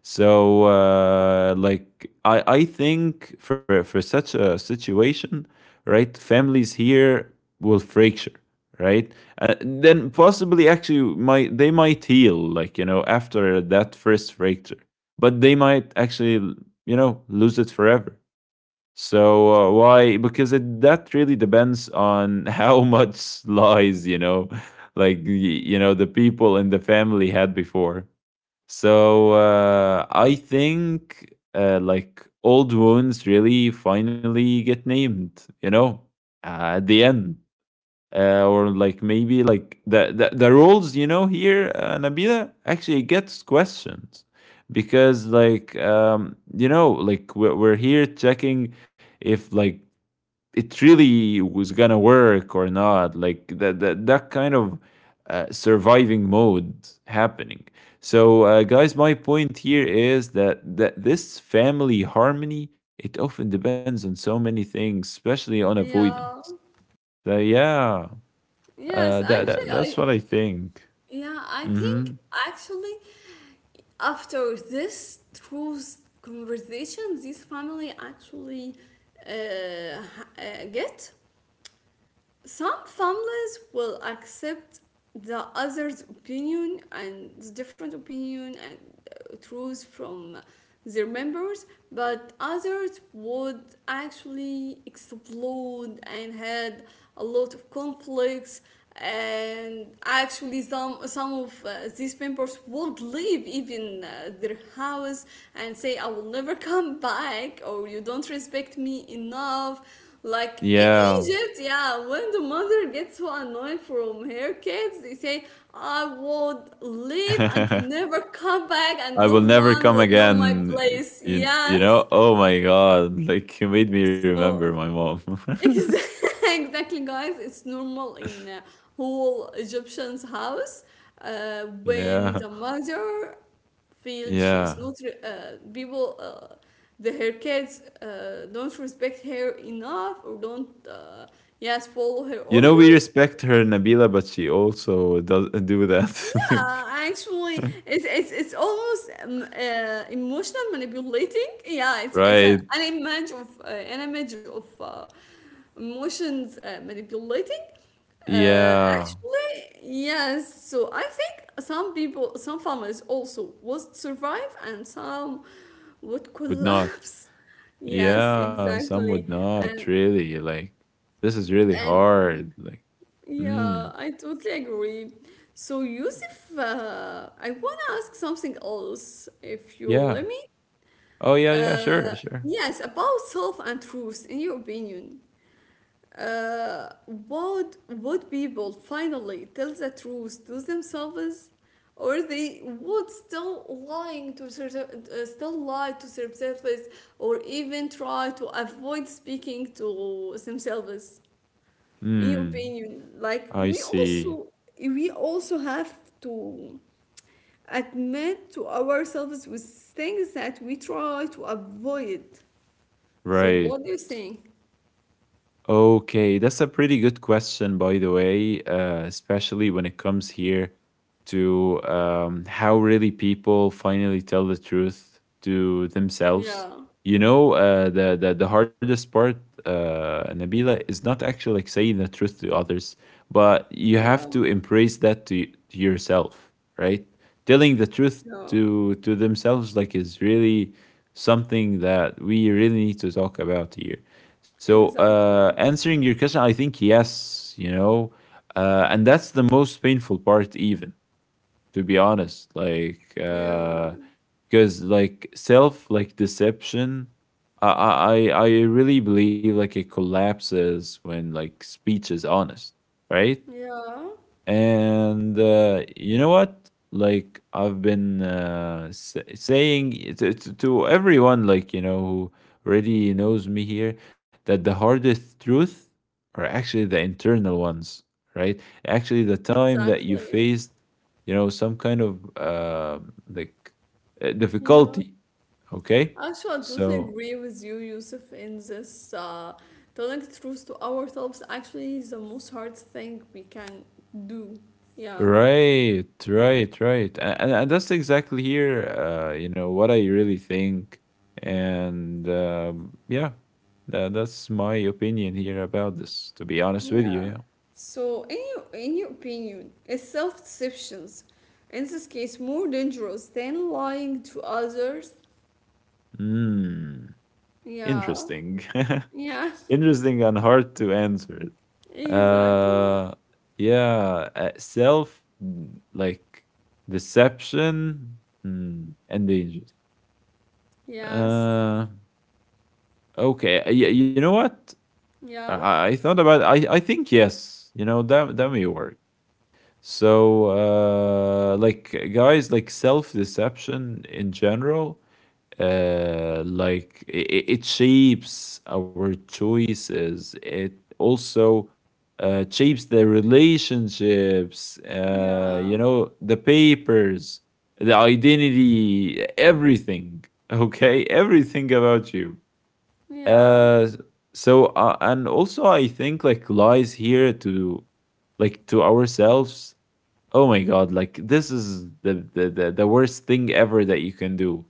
S2: So like, I think for such a situation, right, families here will fracture, right? Then possibly, actually, might, they might heal, like, you know, after that first fracture, but they might actually, you know, lose it forever. So why? Because it, that really depends on how much lies, you know, like, you know, the people in the family had before. So I think like, old wounds really finally get named, you know, at the end, or like, maybe like the, the roles, you know, here, Nabila, actually gets questioned, because like you know, like, we're here checking if, like, it really was gonna work or not, like that that kind of, surviving mode happening. So guys, my point here is that, this family harmony, it often depends on so many things, especially on
S1: Yeah.
S2: avoidance. So yeah.
S1: Yes, actually
S2: That's
S1: I,
S2: what I think.
S1: yeah, I think
S2: Hmm.
S1: actually after this truth conversation, this family actually get, some families will accept the other's opinion and different opinion and truths from their members, but others would actually explode and had a lot of conflicts. And actually, some of these members would leave even their house and say, "I will never come back," or "You don't respect me enough." Like in
S2: Yeah,
S1: Egypt, yeah, when the mother gets so annoyed from her kids, they say, I would leave and never come back, and
S2: I
S1: no
S2: will never
S1: one
S2: come
S1: will know my
S2: again.
S1: place.
S2: You, you
S1: Yes.
S2: know? Oh my god! Like, you made me remember my
S1: So,
S2: mom.
S1: Exactly, guys. It's normal in whole Egyptian's house when
S2: Yeah,
S1: the mother feels she is
S2: yeah.
S1: not re- people the her kids don't respect her enough or don't, yes, follow her
S2: You know we
S1: orders.
S2: respect her, Nabila, but she also doesn't do that.
S1: Yeah, actually,
S2: Like,
S1: it's almost emotional manipulating. Yeah, it's a,
S2: right?
S1: an image of emotions manipulating.
S2: Yeah,
S1: Actually, yes. So I think some people, some families also would survive, and some would
S2: would not.
S1: collapse. Yes,
S2: Yeah, some would
S1: exactly.
S2: not
S1: And
S2: really. Like, this is really
S1: and
S2: hard. Like,
S1: yeah,
S2: mm,
S1: I totally agree. So, Yusuf, I want to ask something else, if you let
S2: yeah.
S1: me.
S2: Oh yeah, yeah. Sure,
S1: Uh,
S2: sure.
S1: yes, about self and truth, in your opinion. Would people finally tell the truth to themselves, or they would still lying to their, still lie to themselves, or even try to avoid speaking to themselves? In your
S2: Mm,
S1: opinion, like we
S2: I
S1: also
S2: see.
S1: we also have to admit to ourselves with things that we try to avoid, so what do
S2: Right.
S1: you think?
S2: Okay, that's a pretty good question, by the way, especially when it comes here to how really people finally tell the truth to
S1: Yeah.
S2: themselves. You know, the hardest part, Nabila, is not actually like saying the truth to others, but you
S1: Yeah.
S2: have to embrace that to, to yourself, right? Telling the truth
S1: Yeah,
S2: to themselves like is really something that we really need to talk about here. So,
S1: exactly.
S2: answering your question, I think yes, you know, and that's the most painful part, even, to be honest. Like,
S1: Yeah.
S2: because like, self, like, deception, I really believe, like, it collapses when like speech is honest, right?
S1: Yeah,
S2: And you know what? Like, I've been saying it to everyone, like, you know, who already knows me here, that the hardest truth are actually the internal ones, right? Actually, the time that you
S1: exactly.
S2: faced, you know, some kind of, like
S1: Yeah,
S2: difficulty. Okay,
S1: actually I totally
S2: so,
S1: agree with you, Yusuf, in this, uh, telling truth to ourselves actually is the most hard thing we can do. Yeah.
S2: right, right, right. And that's exactly here, you know, what I really think. And um, yeah, that's my opinion here about this, to be honest with you.
S1: Yeah.
S2: Yeah.
S1: So, in in your opinion, is self deceptions in this case more dangerous than lying to others?
S2: Mm,
S1: Yeah.
S2: Interesting.
S1: Yeah.
S2: Interesting and hard to answer.
S1: Exactly.
S2: Uh, yeah, Self, like deception and danger.
S1: Yes.
S2: Uh, okay. Yeah, You know what?
S1: Yeah.
S2: I thought about I think yes, you know that may work. So like guys, like self-deception in general, like it shapes our choices. It also shapes the relationships,
S1: Yeah.
S2: uh, you know, the papers, the identity, everything. Okay, everything about you.
S1: Yeah.
S2: Uh, so and also I think like lies here to, like, to ourselves. Oh my god, like this is the worst thing ever that you can do,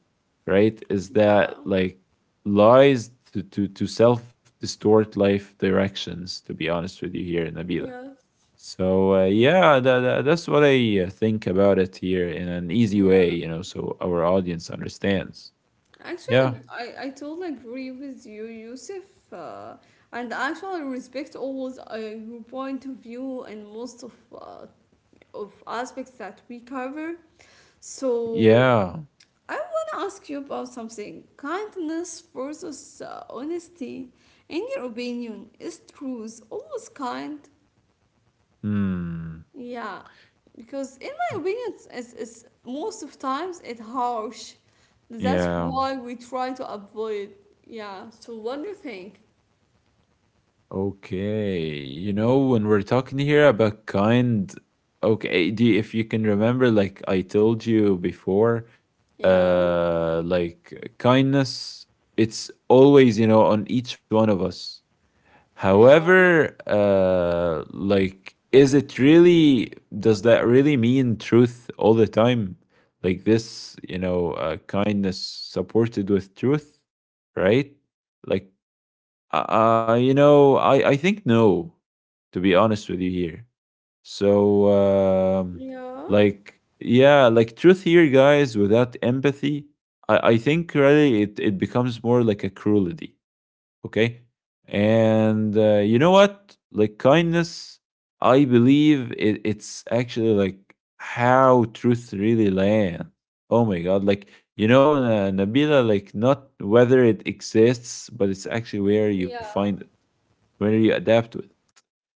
S2: right? Is
S1: Yeah.
S2: that like lies to self distort life directions? To be honest with you, here in Nabila.
S1: Yes.
S2: So, yeah, that's what I, think about it here in an easy
S1: Yeah.
S2: way, you know, so our audience understands. Yeah,
S1: Actually, I totally agree with you, Yusuf. And actually, I respect always your point of view and most of aspects that we cover. So
S2: yeah.
S1: I want to ask you about something. Kindness versus honesty. In your opinion, is truth always kind?
S2: Hmm.
S1: Yeah, because in my opinion, it's- most of times it's harsh. That's
S2: Yeah.
S1: why we try to avoid. Yeah. So what do you think?
S2: Okay, you know, when we're talking here about kind, okay, do you, if you can remember, like I told you before,
S1: Yeah.
S2: like kindness, it's always, you know, on each one of us.
S1: Yeah.
S2: However, like, is it really, does that really mean truth all the time? Like this, you know, kindness supported with truth, right? Like, you know, I think no, to be honest with you here. So, um,
S1: Yeah.
S2: like, yeah, like truth here, guys, without empathy, I think really it becomes more like a cruelty. Okay. And you know what? Like, kindness, I believe it's actually like how truth really lands. Oh my God. Like, you know, Nabila, like, not whether it exists, but it's actually where you
S1: Yeah.
S2: find when you adapt to it.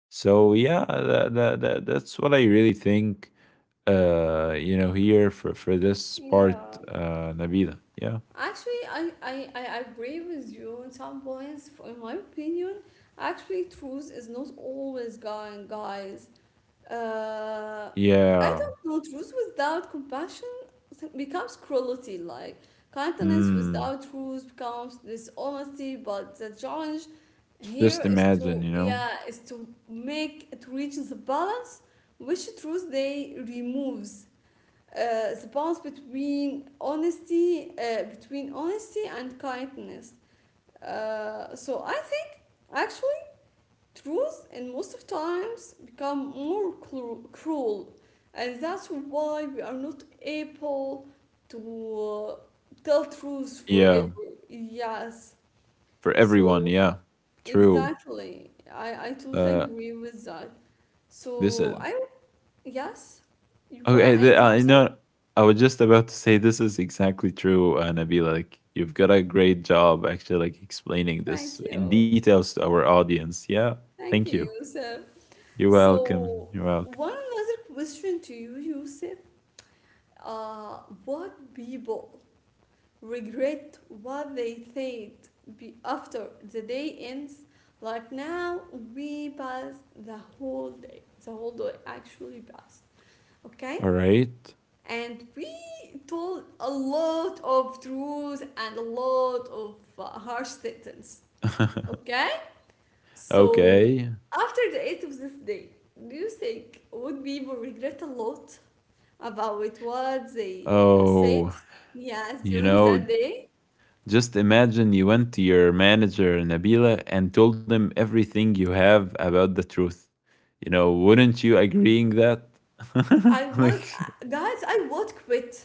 S2: So yeah, that's what I really think. You know, here for this part,
S1: Yeah.
S2: Nabila. Yeah,
S1: Actually, I agree with you on some points. In my opinion, actually, truth is not always going, guys. Uh, I
S2: yeah.
S1: don't know. Truth without compassion becomes cruelty. Like, kindness
S2: Mm,
S1: without truth becomes dishonesty. But the challenge
S2: just
S1: here is
S2: imagine, you
S1: to,
S2: know.
S1: yeah, is to make, to reach the balance which truth they removes the balance between honesty and kindness, so I think actually truth in most of times become more cruel, and that's why we are not able to uh, tell truth
S2: Yeah,
S1: forever. Yes,
S2: for everyone.
S1: so
S2: Yeah, true.
S1: exactly, I totally
S2: Uh,
S1: agree with that.
S2: this
S1: So
S2: is
S1: I, yes, you want to
S2: okay.
S1: add
S2: The, you
S1: something?
S2: know, I was just about to say this is exactly true, Nabila. Like you've got a great job actually, like explaining this
S1: Thank
S2: in
S1: you.
S2: details to our audience. Yeah, thank
S1: Thank you,
S2: you.
S1: Yusuf.
S2: You're welcome.
S1: So,
S2: You're welcome.
S1: one another question to you, Yusuf. Uh, what people regret what they said be after the day ends? Like now, we passed the whole day. The whole day actually passed. Okay?
S2: All right.
S1: And we told a lot of truths and a lot of harsh sentence. Okay? So,
S2: Okay.
S1: after the end of this day, do you think would people regret a lot about what they said,
S2: Oh,
S1: yes,
S2: you
S1: during that
S2: know,
S1: day?
S2: just imagine you went to your manager, Nabila, and told him everything you have about the truth. You know, wouldn't you agreeing that?
S1: I would,
S2: Like,
S1: guys, I would quit.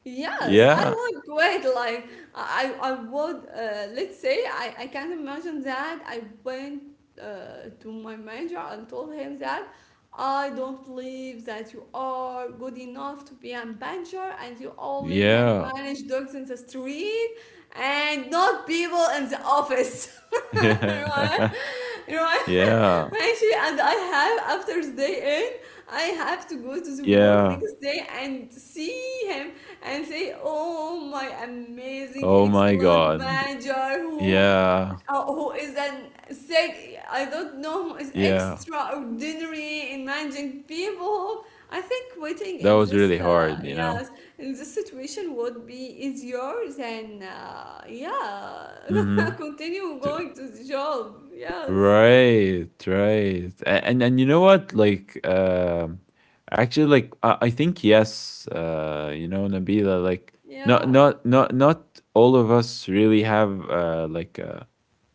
S1: Yes,
S2: yeah,
S1: I would quit. Like, I would, let's say, I can't imagine that. I went to my manager and told him that I don't believe that you are good enough to be a manager and you only can
S2: yeah,
S1: manage dogs in the street and not people in the office.
S2: yeah,
S1: Right? Right?
S2: yeah.
S1: Actually, and I have after the day I have to go to the work
S2: yeah.
S1: next day and see him and say, "Oh, my amazing,
S2: Oh my
S1: excellent
S2: God.
S1: manager
S2: Yeah,
S1: who is an I don't know who is
S2: yeah.
S1: extraordinary in managing people." I think waiting
S2: That
S1: in
S2: was
S1: this
S2: really hard, you know?
S1: yes, in this situation would be easier than yeah,
S2: Mm-hmm.
S1: continue going to the job. Yes.
S2: Right, right. And you know what? Like, um, actually, like, I think yes, uh, you know, Nabila, like not
S1: Yeah.
S2: not not not all of us really have uh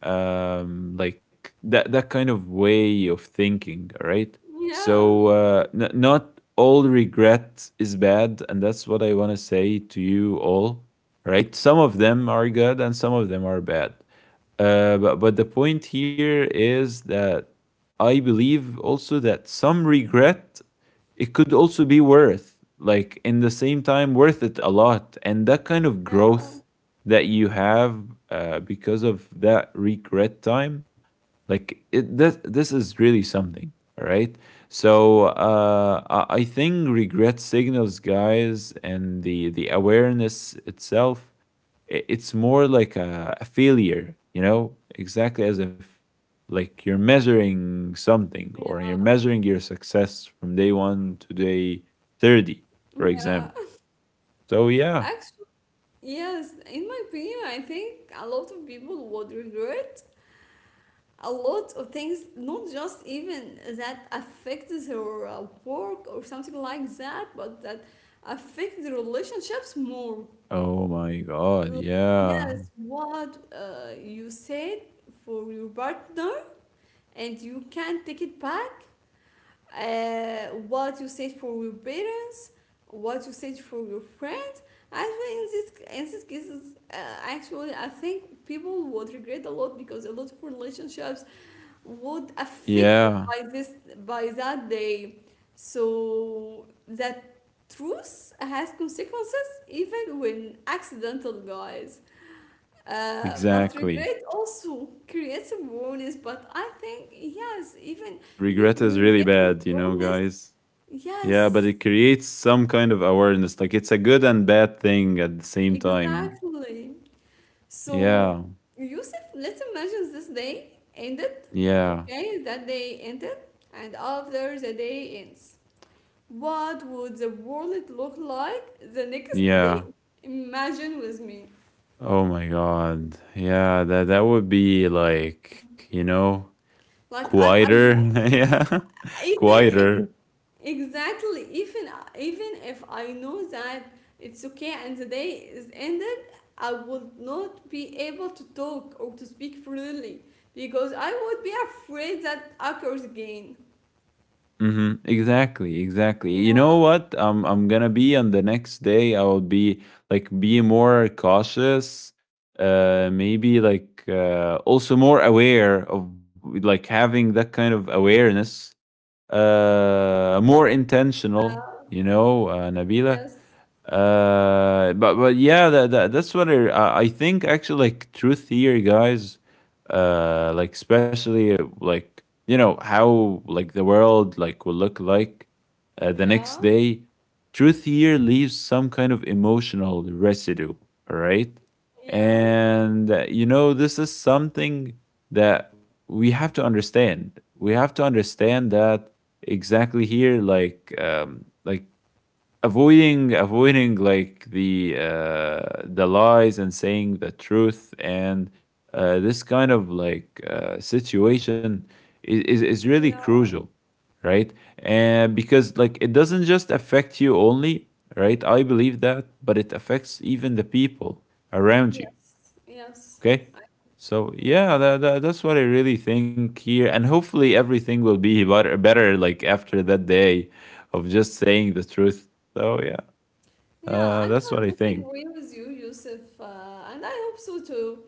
S2: um like that kind of way of thinking, right?
S1: Yeah.
S2: So, uh, not all regret is bad and that's what I want to say to you all, right? Some of them are good and some of them are bad, but the point here is that I believe also that some regret, it could also be worth, like, in the same time, worth it a lot, and that kind of growth
S1: Yeah.
S2: that you have, because of that regret time, like, it this is really something, all right. So,
S1: Yeah.
S2: I think regret signals, guys, and the awareness itself, it's more like a failure, you know, exactly as if like you're measuring something or you're
S1: Yeah,
S2: measuring your success from day one to day 30, for example.
S1: yeah.
S2: So, yeah.
S1: Actually, yes, in my opinion, I think a lot of people would regret a lot of things, not just even that affects their work or something like that, but that affect the relationships more.
S2: Oh my God. Yeah.
S1: Yes, what you said for your partner, and you can't take it back. What you said for your parents, what you said for your friends. Actually, in this, in these cases, actually, I think people would regret a lot because a lot of relationships would
S2: Yeah.
S1: affected by this, by that day. So that truth has consequences even when accidental, guys. But
S2: Exactly.
S1: regret also creates awareness. But I think yes, even
S2: Regret is
S1: when we
S2: really
S1: get
S2: bad, you know,
S1: awareness.
S2: guys. Yeah, but
S1: Yes,
S2: it creates some kind of awareness. Like it's a good and bad thing at the same time.
S1: exactly. So,
S2: Yeah.
S1: Yusuf, let's imagine this day ended.
S2: Yeah.
S1: Okay, that day ended, and after the day ends, what would the world look like the next day?
S2: Yeah.
S1: Imagine with me.
S2: Oh my god. Yeah, that that would be like, you know,
S1: Like I
S2: quieter. Yeah.
S1: even if,
S2: Quieter.
S1: exactly. Even if I know that it's okay and the day is ended, I would not be able to talk or to speak freely because I would be afraid that occurs again.
S2: Mhm. Exactly, exactly. You
S1: Yeah.
S2: know what? I'm going to be on the next day. I will be like be more cautious. Uh, maybe like uh, also more aware of like having that kind of awareness. Uh, more
S1: Yeah.
S2: intentional, you know, uh, Nabila.
S1: Yes.
S2: But yeah, that that's what I think actually, like truth here, guys. Like especially like you know how like the world like will look like the
S1: Yeah.
S2: next day. Truth here leaves some kind of emotional residue, all right?
S1: Yeah.
S2: And you know, this is something that we have to understand. We have to understand that exactly here, like avoiding like the lies and saying the truth and uh, this kind of like uh, situation is really crucial,
S1: Yeah.
S2: right? And because like it doesn't just affect you only, right? I believe that, but it affects even the people around you.
S1: Yes. Yes.
S2: Okay.
S1: I,
S2: So
S1: yeah.
S2: yeah, that's what I really think here, and hopefully everything will be better like after that day of just saying the truth, so yeah,
S1: Yeah. Actually,
S2: that's
S1: I
S2: what I
S1: totally
S2: think.
S1: agree with you, Yusuf, and I hope so too.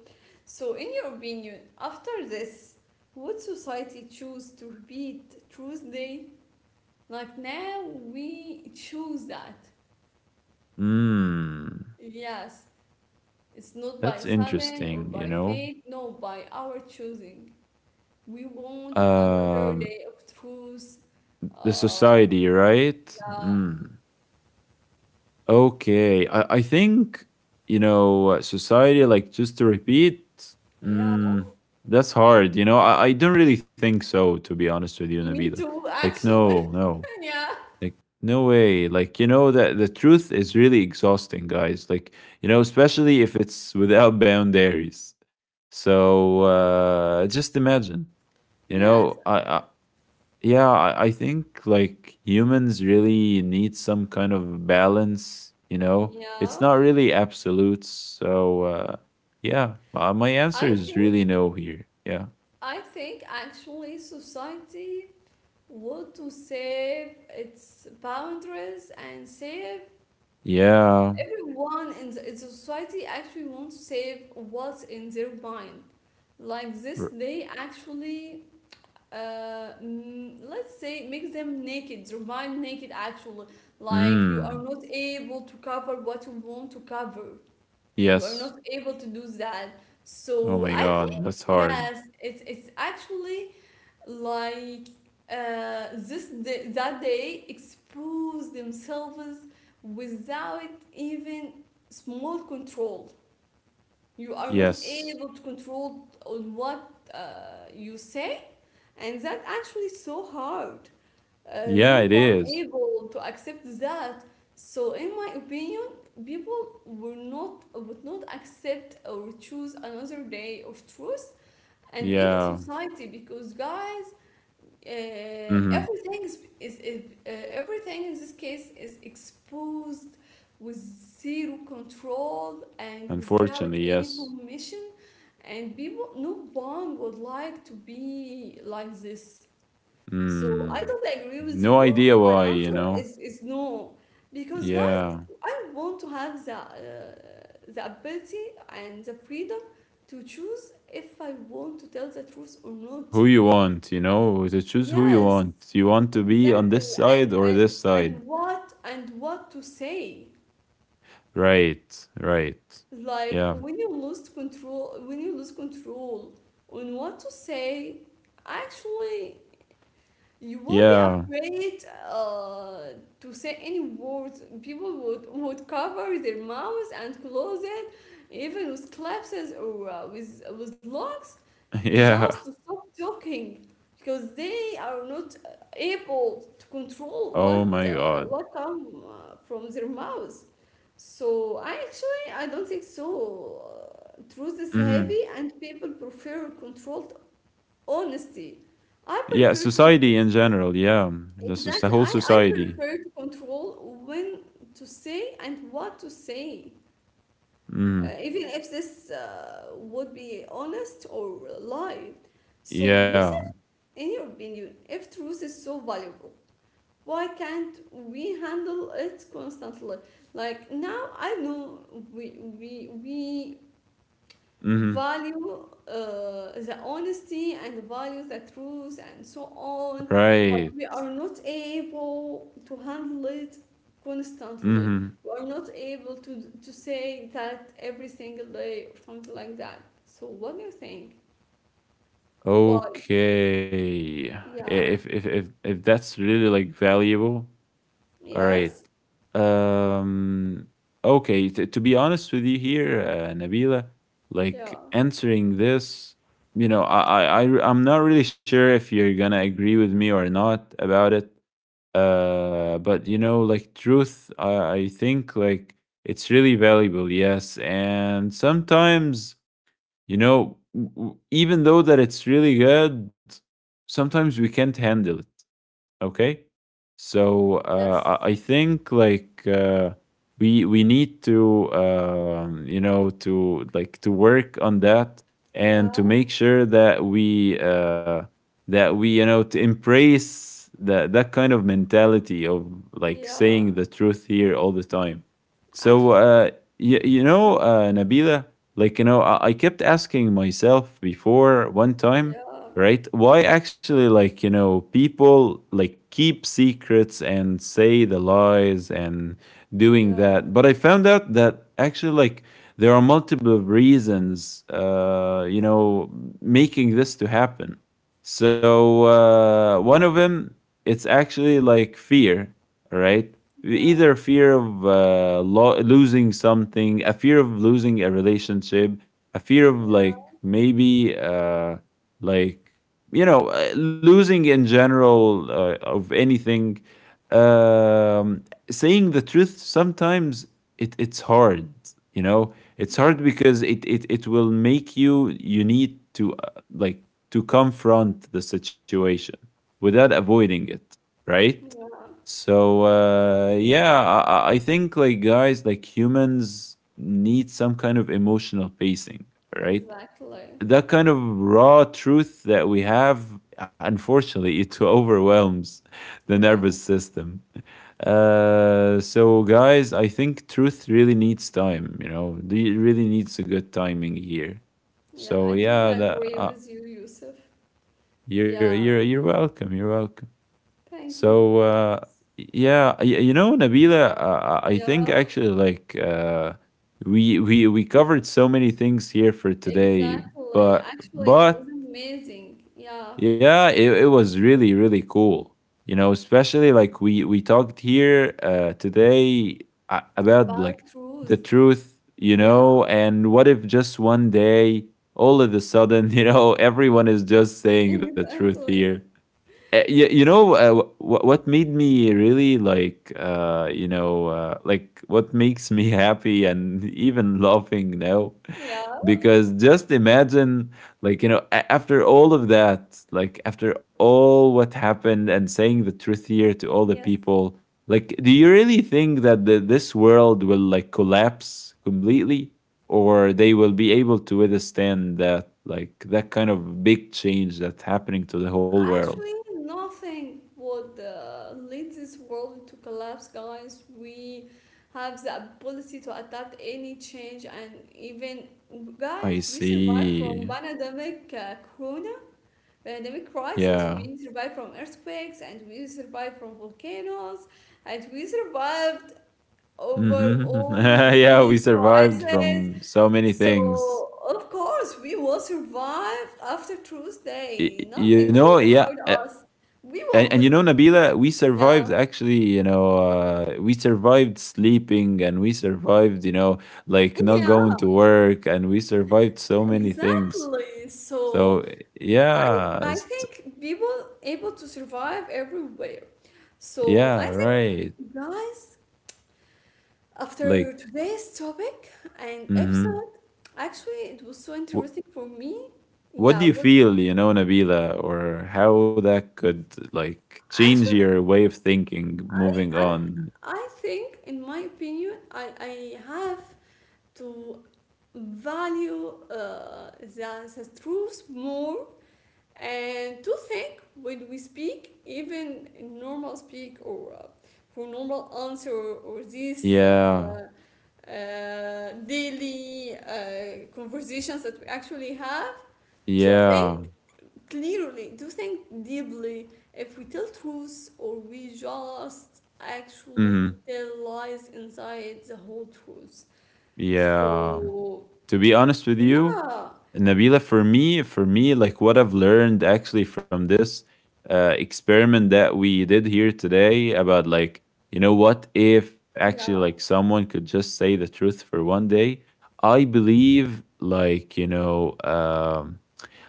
S1: So, in your opinion, after this, would society choose to repeat Tuesday? Like now, we choose that.
S2: Hmm,
S1: Yes, it's not
S2: that's
S1: by sudden or
S2: interesting, you
S1: by
S2: know.
S1: fate, no, by our choosing. We want another
S2: Um,
S1: day of truth.
S2: the
S1: Uh,
S2: society, right?
S1: yeah,
S2: Okay. I think, you know, society, like just to repeat,
S1: yeah.
S2: mm, that's hard, you know. I don't really think so, to be honest with you, Nabila.
S1: Me too,
S2: Like, no,
S1: actually.
S2: no.
S1: Yeah,
S2: Like, no way. Like, you know, that the truth is really exhausting, guys. Like, you know, especially if it's without boundaries. So just imagine, you know,
S1: yes,
S2: I yeah, I think like humans really need some kind of balance. You know, it's not
S1: yeah.
S2: really absolute. So, yeah, my answer
S1: I
S2: is
S1: think,
S2: really no here. Yeah,
S1: I think actually society want to save its boundaries and save
S2: yeah,
S1: everyone in the, in society actually wants to save what's in their mind, like this
S2: R-
S1: they actually, let's say, makes them naked, their mind naked actually, like you are
S2: mm,
S1: not able to cover what you want to cover, you are
S2: yes.
S1: not able to do that.
S2: Oh
S1: So
S2: my
S1: I think
S2: God, that's hard.
S1: yes, it's actually like, this day, that day expose themselves without even small control. You are not
S2: Yes.
S1: able to control on what you say, and that actually so hard.
S2: Yeah,
S1: No
S2: it
S1: one
S2: is.
S1: able to accept that. So, in my opinion, people will not, would not accept or choose another day of truth, and even
S2: Yeah.
S1: society, because guys
S2: Mhm.
S1: everything is everything in this case is exposed with zero control and without
S2: Unfortunately,
S1: any
S2: yes.
S1: permission, and people, no one would like to be like this. So I
S2: Mm.
S1: don't agree with
S2: No
S1: you.
S2: idea
S1: My
S2: why, you
S1: answer
S2: know?
S1: is no, because guys
S2: Yeah.
S1: I want to have the ability and the freedom to choose if I want to tell the truth or not.
S2: Who you want, you know? To choose who you
S1: Yes,
S2: want. You want to be
S1: exactly.
S2: on this
S1: And
S2: side or
S1: and
S2: this
S1: and
S2: side?
S1: what, and what to say?
S2: Right. Right.
S1: Like
S2: Yeah.
S1: when you lose control, when you lose control on what to say, actually, you will be
S2: Yeah.
S1: afraid to say any words. People would cover their mouths and close it, even with collapses or with locks, just
S2: Yeah.
S1: to stop talking because they are not able to control
S2: Oh my God.
S1: what come from their mouths. So actually, I don't think so. Truth is heavy,
S2: Mhm.
S1: and people prefer controlled honesty. I
S2: Yeah,
S1: prefer to,
S2: society in general. Yeah. The,
S1: exactly.
S2: the
S1: I,
S2: whole
S1: I
S2: society.
S1: prefer to control when to say and what to say,
S2: Mhm.
S1: even if this would be honest or lie. So,
S2: Yeah.
S1: Yusuf, in your opinion, if truth is so valuable, why can't we handle it constantly? Like now, I know we
S2: Mhm.
S1: value the honesty and value the truth and so on, but
S2: Right.
S1: we are not able to handle it constantly.
S2: Mhm.
S1: We are not able to say that every single day or something like that. So, what do you think? Why?
S2: Okay.
S1: Yeah.
S2: If that's really like valuable, all right.
S1: Yes.
S2: Um, okay, to be honest with you here, Nabila,
S1: Yeah.
S2: like answering this, you know, I'm not really sure if you're going to agree with me or not about it. Uh, but you know, like truth, I think like it's really valuable, yes. And sometimes you know, even though that it's really good, sometimes we can't handle it. Okay. So
S1: Yes.
S2: I think like we need to you know, to like to work on that and to
S1: Yeah.
S2: make sure that we that we, you know, to embrace that that kind of mentality of like
S1: Yeah.
S2: saying the truth here all the time. So
S1: Actually,
S2: you
S1: yeah.
S2: know, Nabila, like you know, I kept asking myself before one time,
S1: Yeah.
S2: right? Why actually, like, you know, people like keep secrets and say the lies and doing
S1: Yeah.
S2: that, but I found out that actually like there are multiple reasons, uh, you know, making this to happen. So, uh, one of them, it's actually like fear, right?
S1: Yeah.
S2: Either fear of losing something, a fear of losing a relationship, a fear of like
S1: Yeah.
S2: maybe uh, like you know losing in general, of anything, um, saying the truth sometimes, it it's hard, you know, it's hard
S1: Yeah.
S2: because it will make you need to like to confront the situation without avoiding it, right?
S1: Yeah.
S2: So uh, yeah, I think like, guys, like humans need some kind of emotional pacing, right?
S1: Exactly.
S2: That kind of raw truth that we have, unfortunately, it overwhelms the
S1: Yeah.
S2: nervous system. So, guys, I think truth really needs time. You know, it really needs a good timing here.
S1: Yeah.
S2: So,
S1: I totally
S2: yeah, that,
S1: agree with you, Yusuf.
S2: you're you're
S1: Yeah.
S2: you're welcome. You're welcome.
S1: Thank you.
S2: So, yeah, you know, Nabila, I
S1: Yeah.
S2: think actually, like, we covered so many things here for today,
S1: Exactly.
S2: but
S1: Actually, it was
S2: but
S1: amazing. Yeah.
S2: yeah, it was really, really cool. You know, especially like we talked here today, about
S1: About
S2: like the
S1: truth.
S2: truth, you
S1: Yeah.
S2: know, and what if just 1 day, all of a sudden, you know, everyone is just saying the truth here.
S1: Exactly.
S2: You know, what made me really like, you know, like what makes me happy and even laughing now
S1: Yeah.
S2: because just imagine like you know, after all of that, like after all what happened and saying the truth here to all the
S1: Yes.
S2: people, like, do you really think that this world will like collapse completely, or they will be able to withstand that, like, that kind of big change that's happening to the whole world?
S1: Actually, nothing would lead this world to collapse, guys. We have the ability to adapt any change, and even guys,
S2: I
S1: we survived from
S2: see.
S1: pandemic corona, pandemic
S2: Yeah.
S1: crisis. We survived from earthquakes, and we survived from volcanoes, and we survived over
S2: Hmm.
S1: all
S2: Yeah, we
S1: these
S2: survived
S1: crises.
S2: from so many things.
S1: So, of course, we will survive after
S2: Y-
S1: Tuesday.
S2: you
S1: Nothing
S2: know,
S1: will
S2: yeah,
S1: hurt
S2: I.
S1: us. We
S2: And
S1: will,
S2: you know,
S1: be-
S2: Nabila, we
S1: yeah,
S2: survived, actually, you know, we survived sleeping and we survived, you know, like not
S1: yeah,
S2: going to work, and we survived so many things.
S1: exactly. So,
S2: So
S1: I
S2: yeah,
S1: I think people able to survive everywhere. So, I
S2: yeah,
S1: think,
S2: right,
S1: guys, after
S2: like,
S1: today's topic and
S2: mm-hmm.
S1: episode, actually, it was so interesting for me.
S2: What do
S1: Yeah,
S2: you
S1: what
S2: feel, you know, Nabila, or how that could like change
S1: actually
S2: your way of thinking
S1: I
S2: moving
S1: I
S2: on?
S1: I think, in my opinion, I have to value the truth more and to think when we speak, even in normal speak or for normal answer or these
S2: Yeah,
S1: Daily conversations that we actually have to think
S2: yeah,
S1: clearly, do think deeply if we tell truths or we just actually
S2: mm-hmm,
S1: tell lies inside the whole truth.
S2: yeah.
S1: So
S2: To be honest with you,
S1: yeah,
S2: Nabila, for me, like what I've learned actually from this experiment that we did here today about like, you know, what if actually
S1: yeah,
S2: like someone could just say the truth for 1 day? I believe like, you know,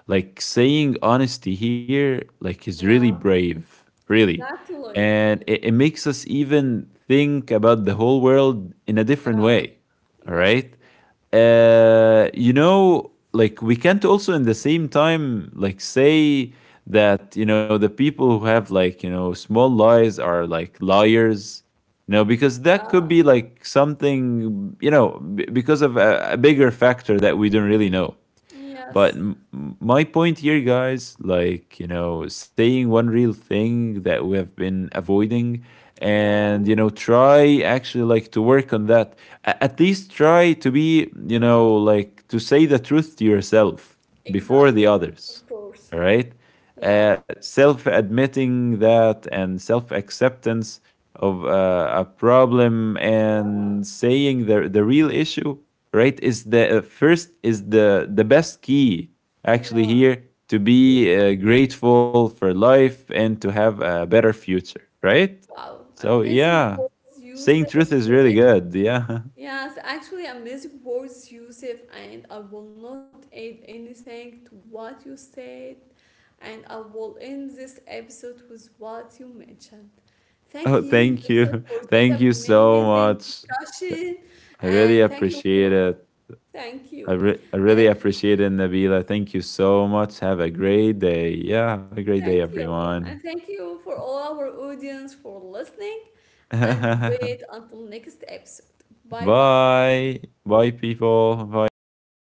S2: like saying honesty here, like, is really
S1: yeah,
S2: brave, really.
S1: exactly,
S2: And it makes us even think about the whole world in a different
S1: yeah,
S2: way. All
S1: yes,
S2: right, you know, like we can't also in the same time, like, say that you know the people who have like you know small lies are like liars. You know, because that could
S1: yeah,
S2: be like something, you know, because of a bigger factor that we don't really know. But
S1: yes,
S2: my point here, guys, like, you know, saying one real thing that we have been avoiding
S1: yeah,
S2: and, you know, try actually like to work on that. At least try to be, you know, like to say the truth to yourself before the
S1: exactly,
S2: others.
S1: of course,
S2: All right.
S1: yeah,
S2: Self admitting that and self acceptance of a problem
S1: yeah,
S2: and saying the real issue, right, is the first, is the best key actually
S1: yeah,
S2: here to be grateful for life and to have a better future, right?
S1: wow,
S2: So
S1: amazing
S2: yeah,
S1: words you
S2: saying
S1: said
S2: truth is
S1: to,
S2: really good, yeah.
S1: yes, actually, I words, Yusuf, and I will not add anything to what you said, and I will end this episode with what you mentioned. Thank
S2: Oh,
S1: you,
S2: thank
S1: Yusuf, for
S2: you.
S1: this
S2: Thank you so
S1: amazing
S2: much.
S1: discussion,
S2: I
S1: and
S2: really
S1: thank you
S2: appreciate
S1: for
S2: it.
S1: thank you,
S2: I really
S1: and
S2: appreciate it, Nabila. Thank you so much. Have a great day. Yeah, have a great day,
S1: thank you,
S2: everyone.
S1: and thank you for all our audience for listening, and wait until next episode. Bye bye.
S2: Bye. Bye, people. Bye, everyone.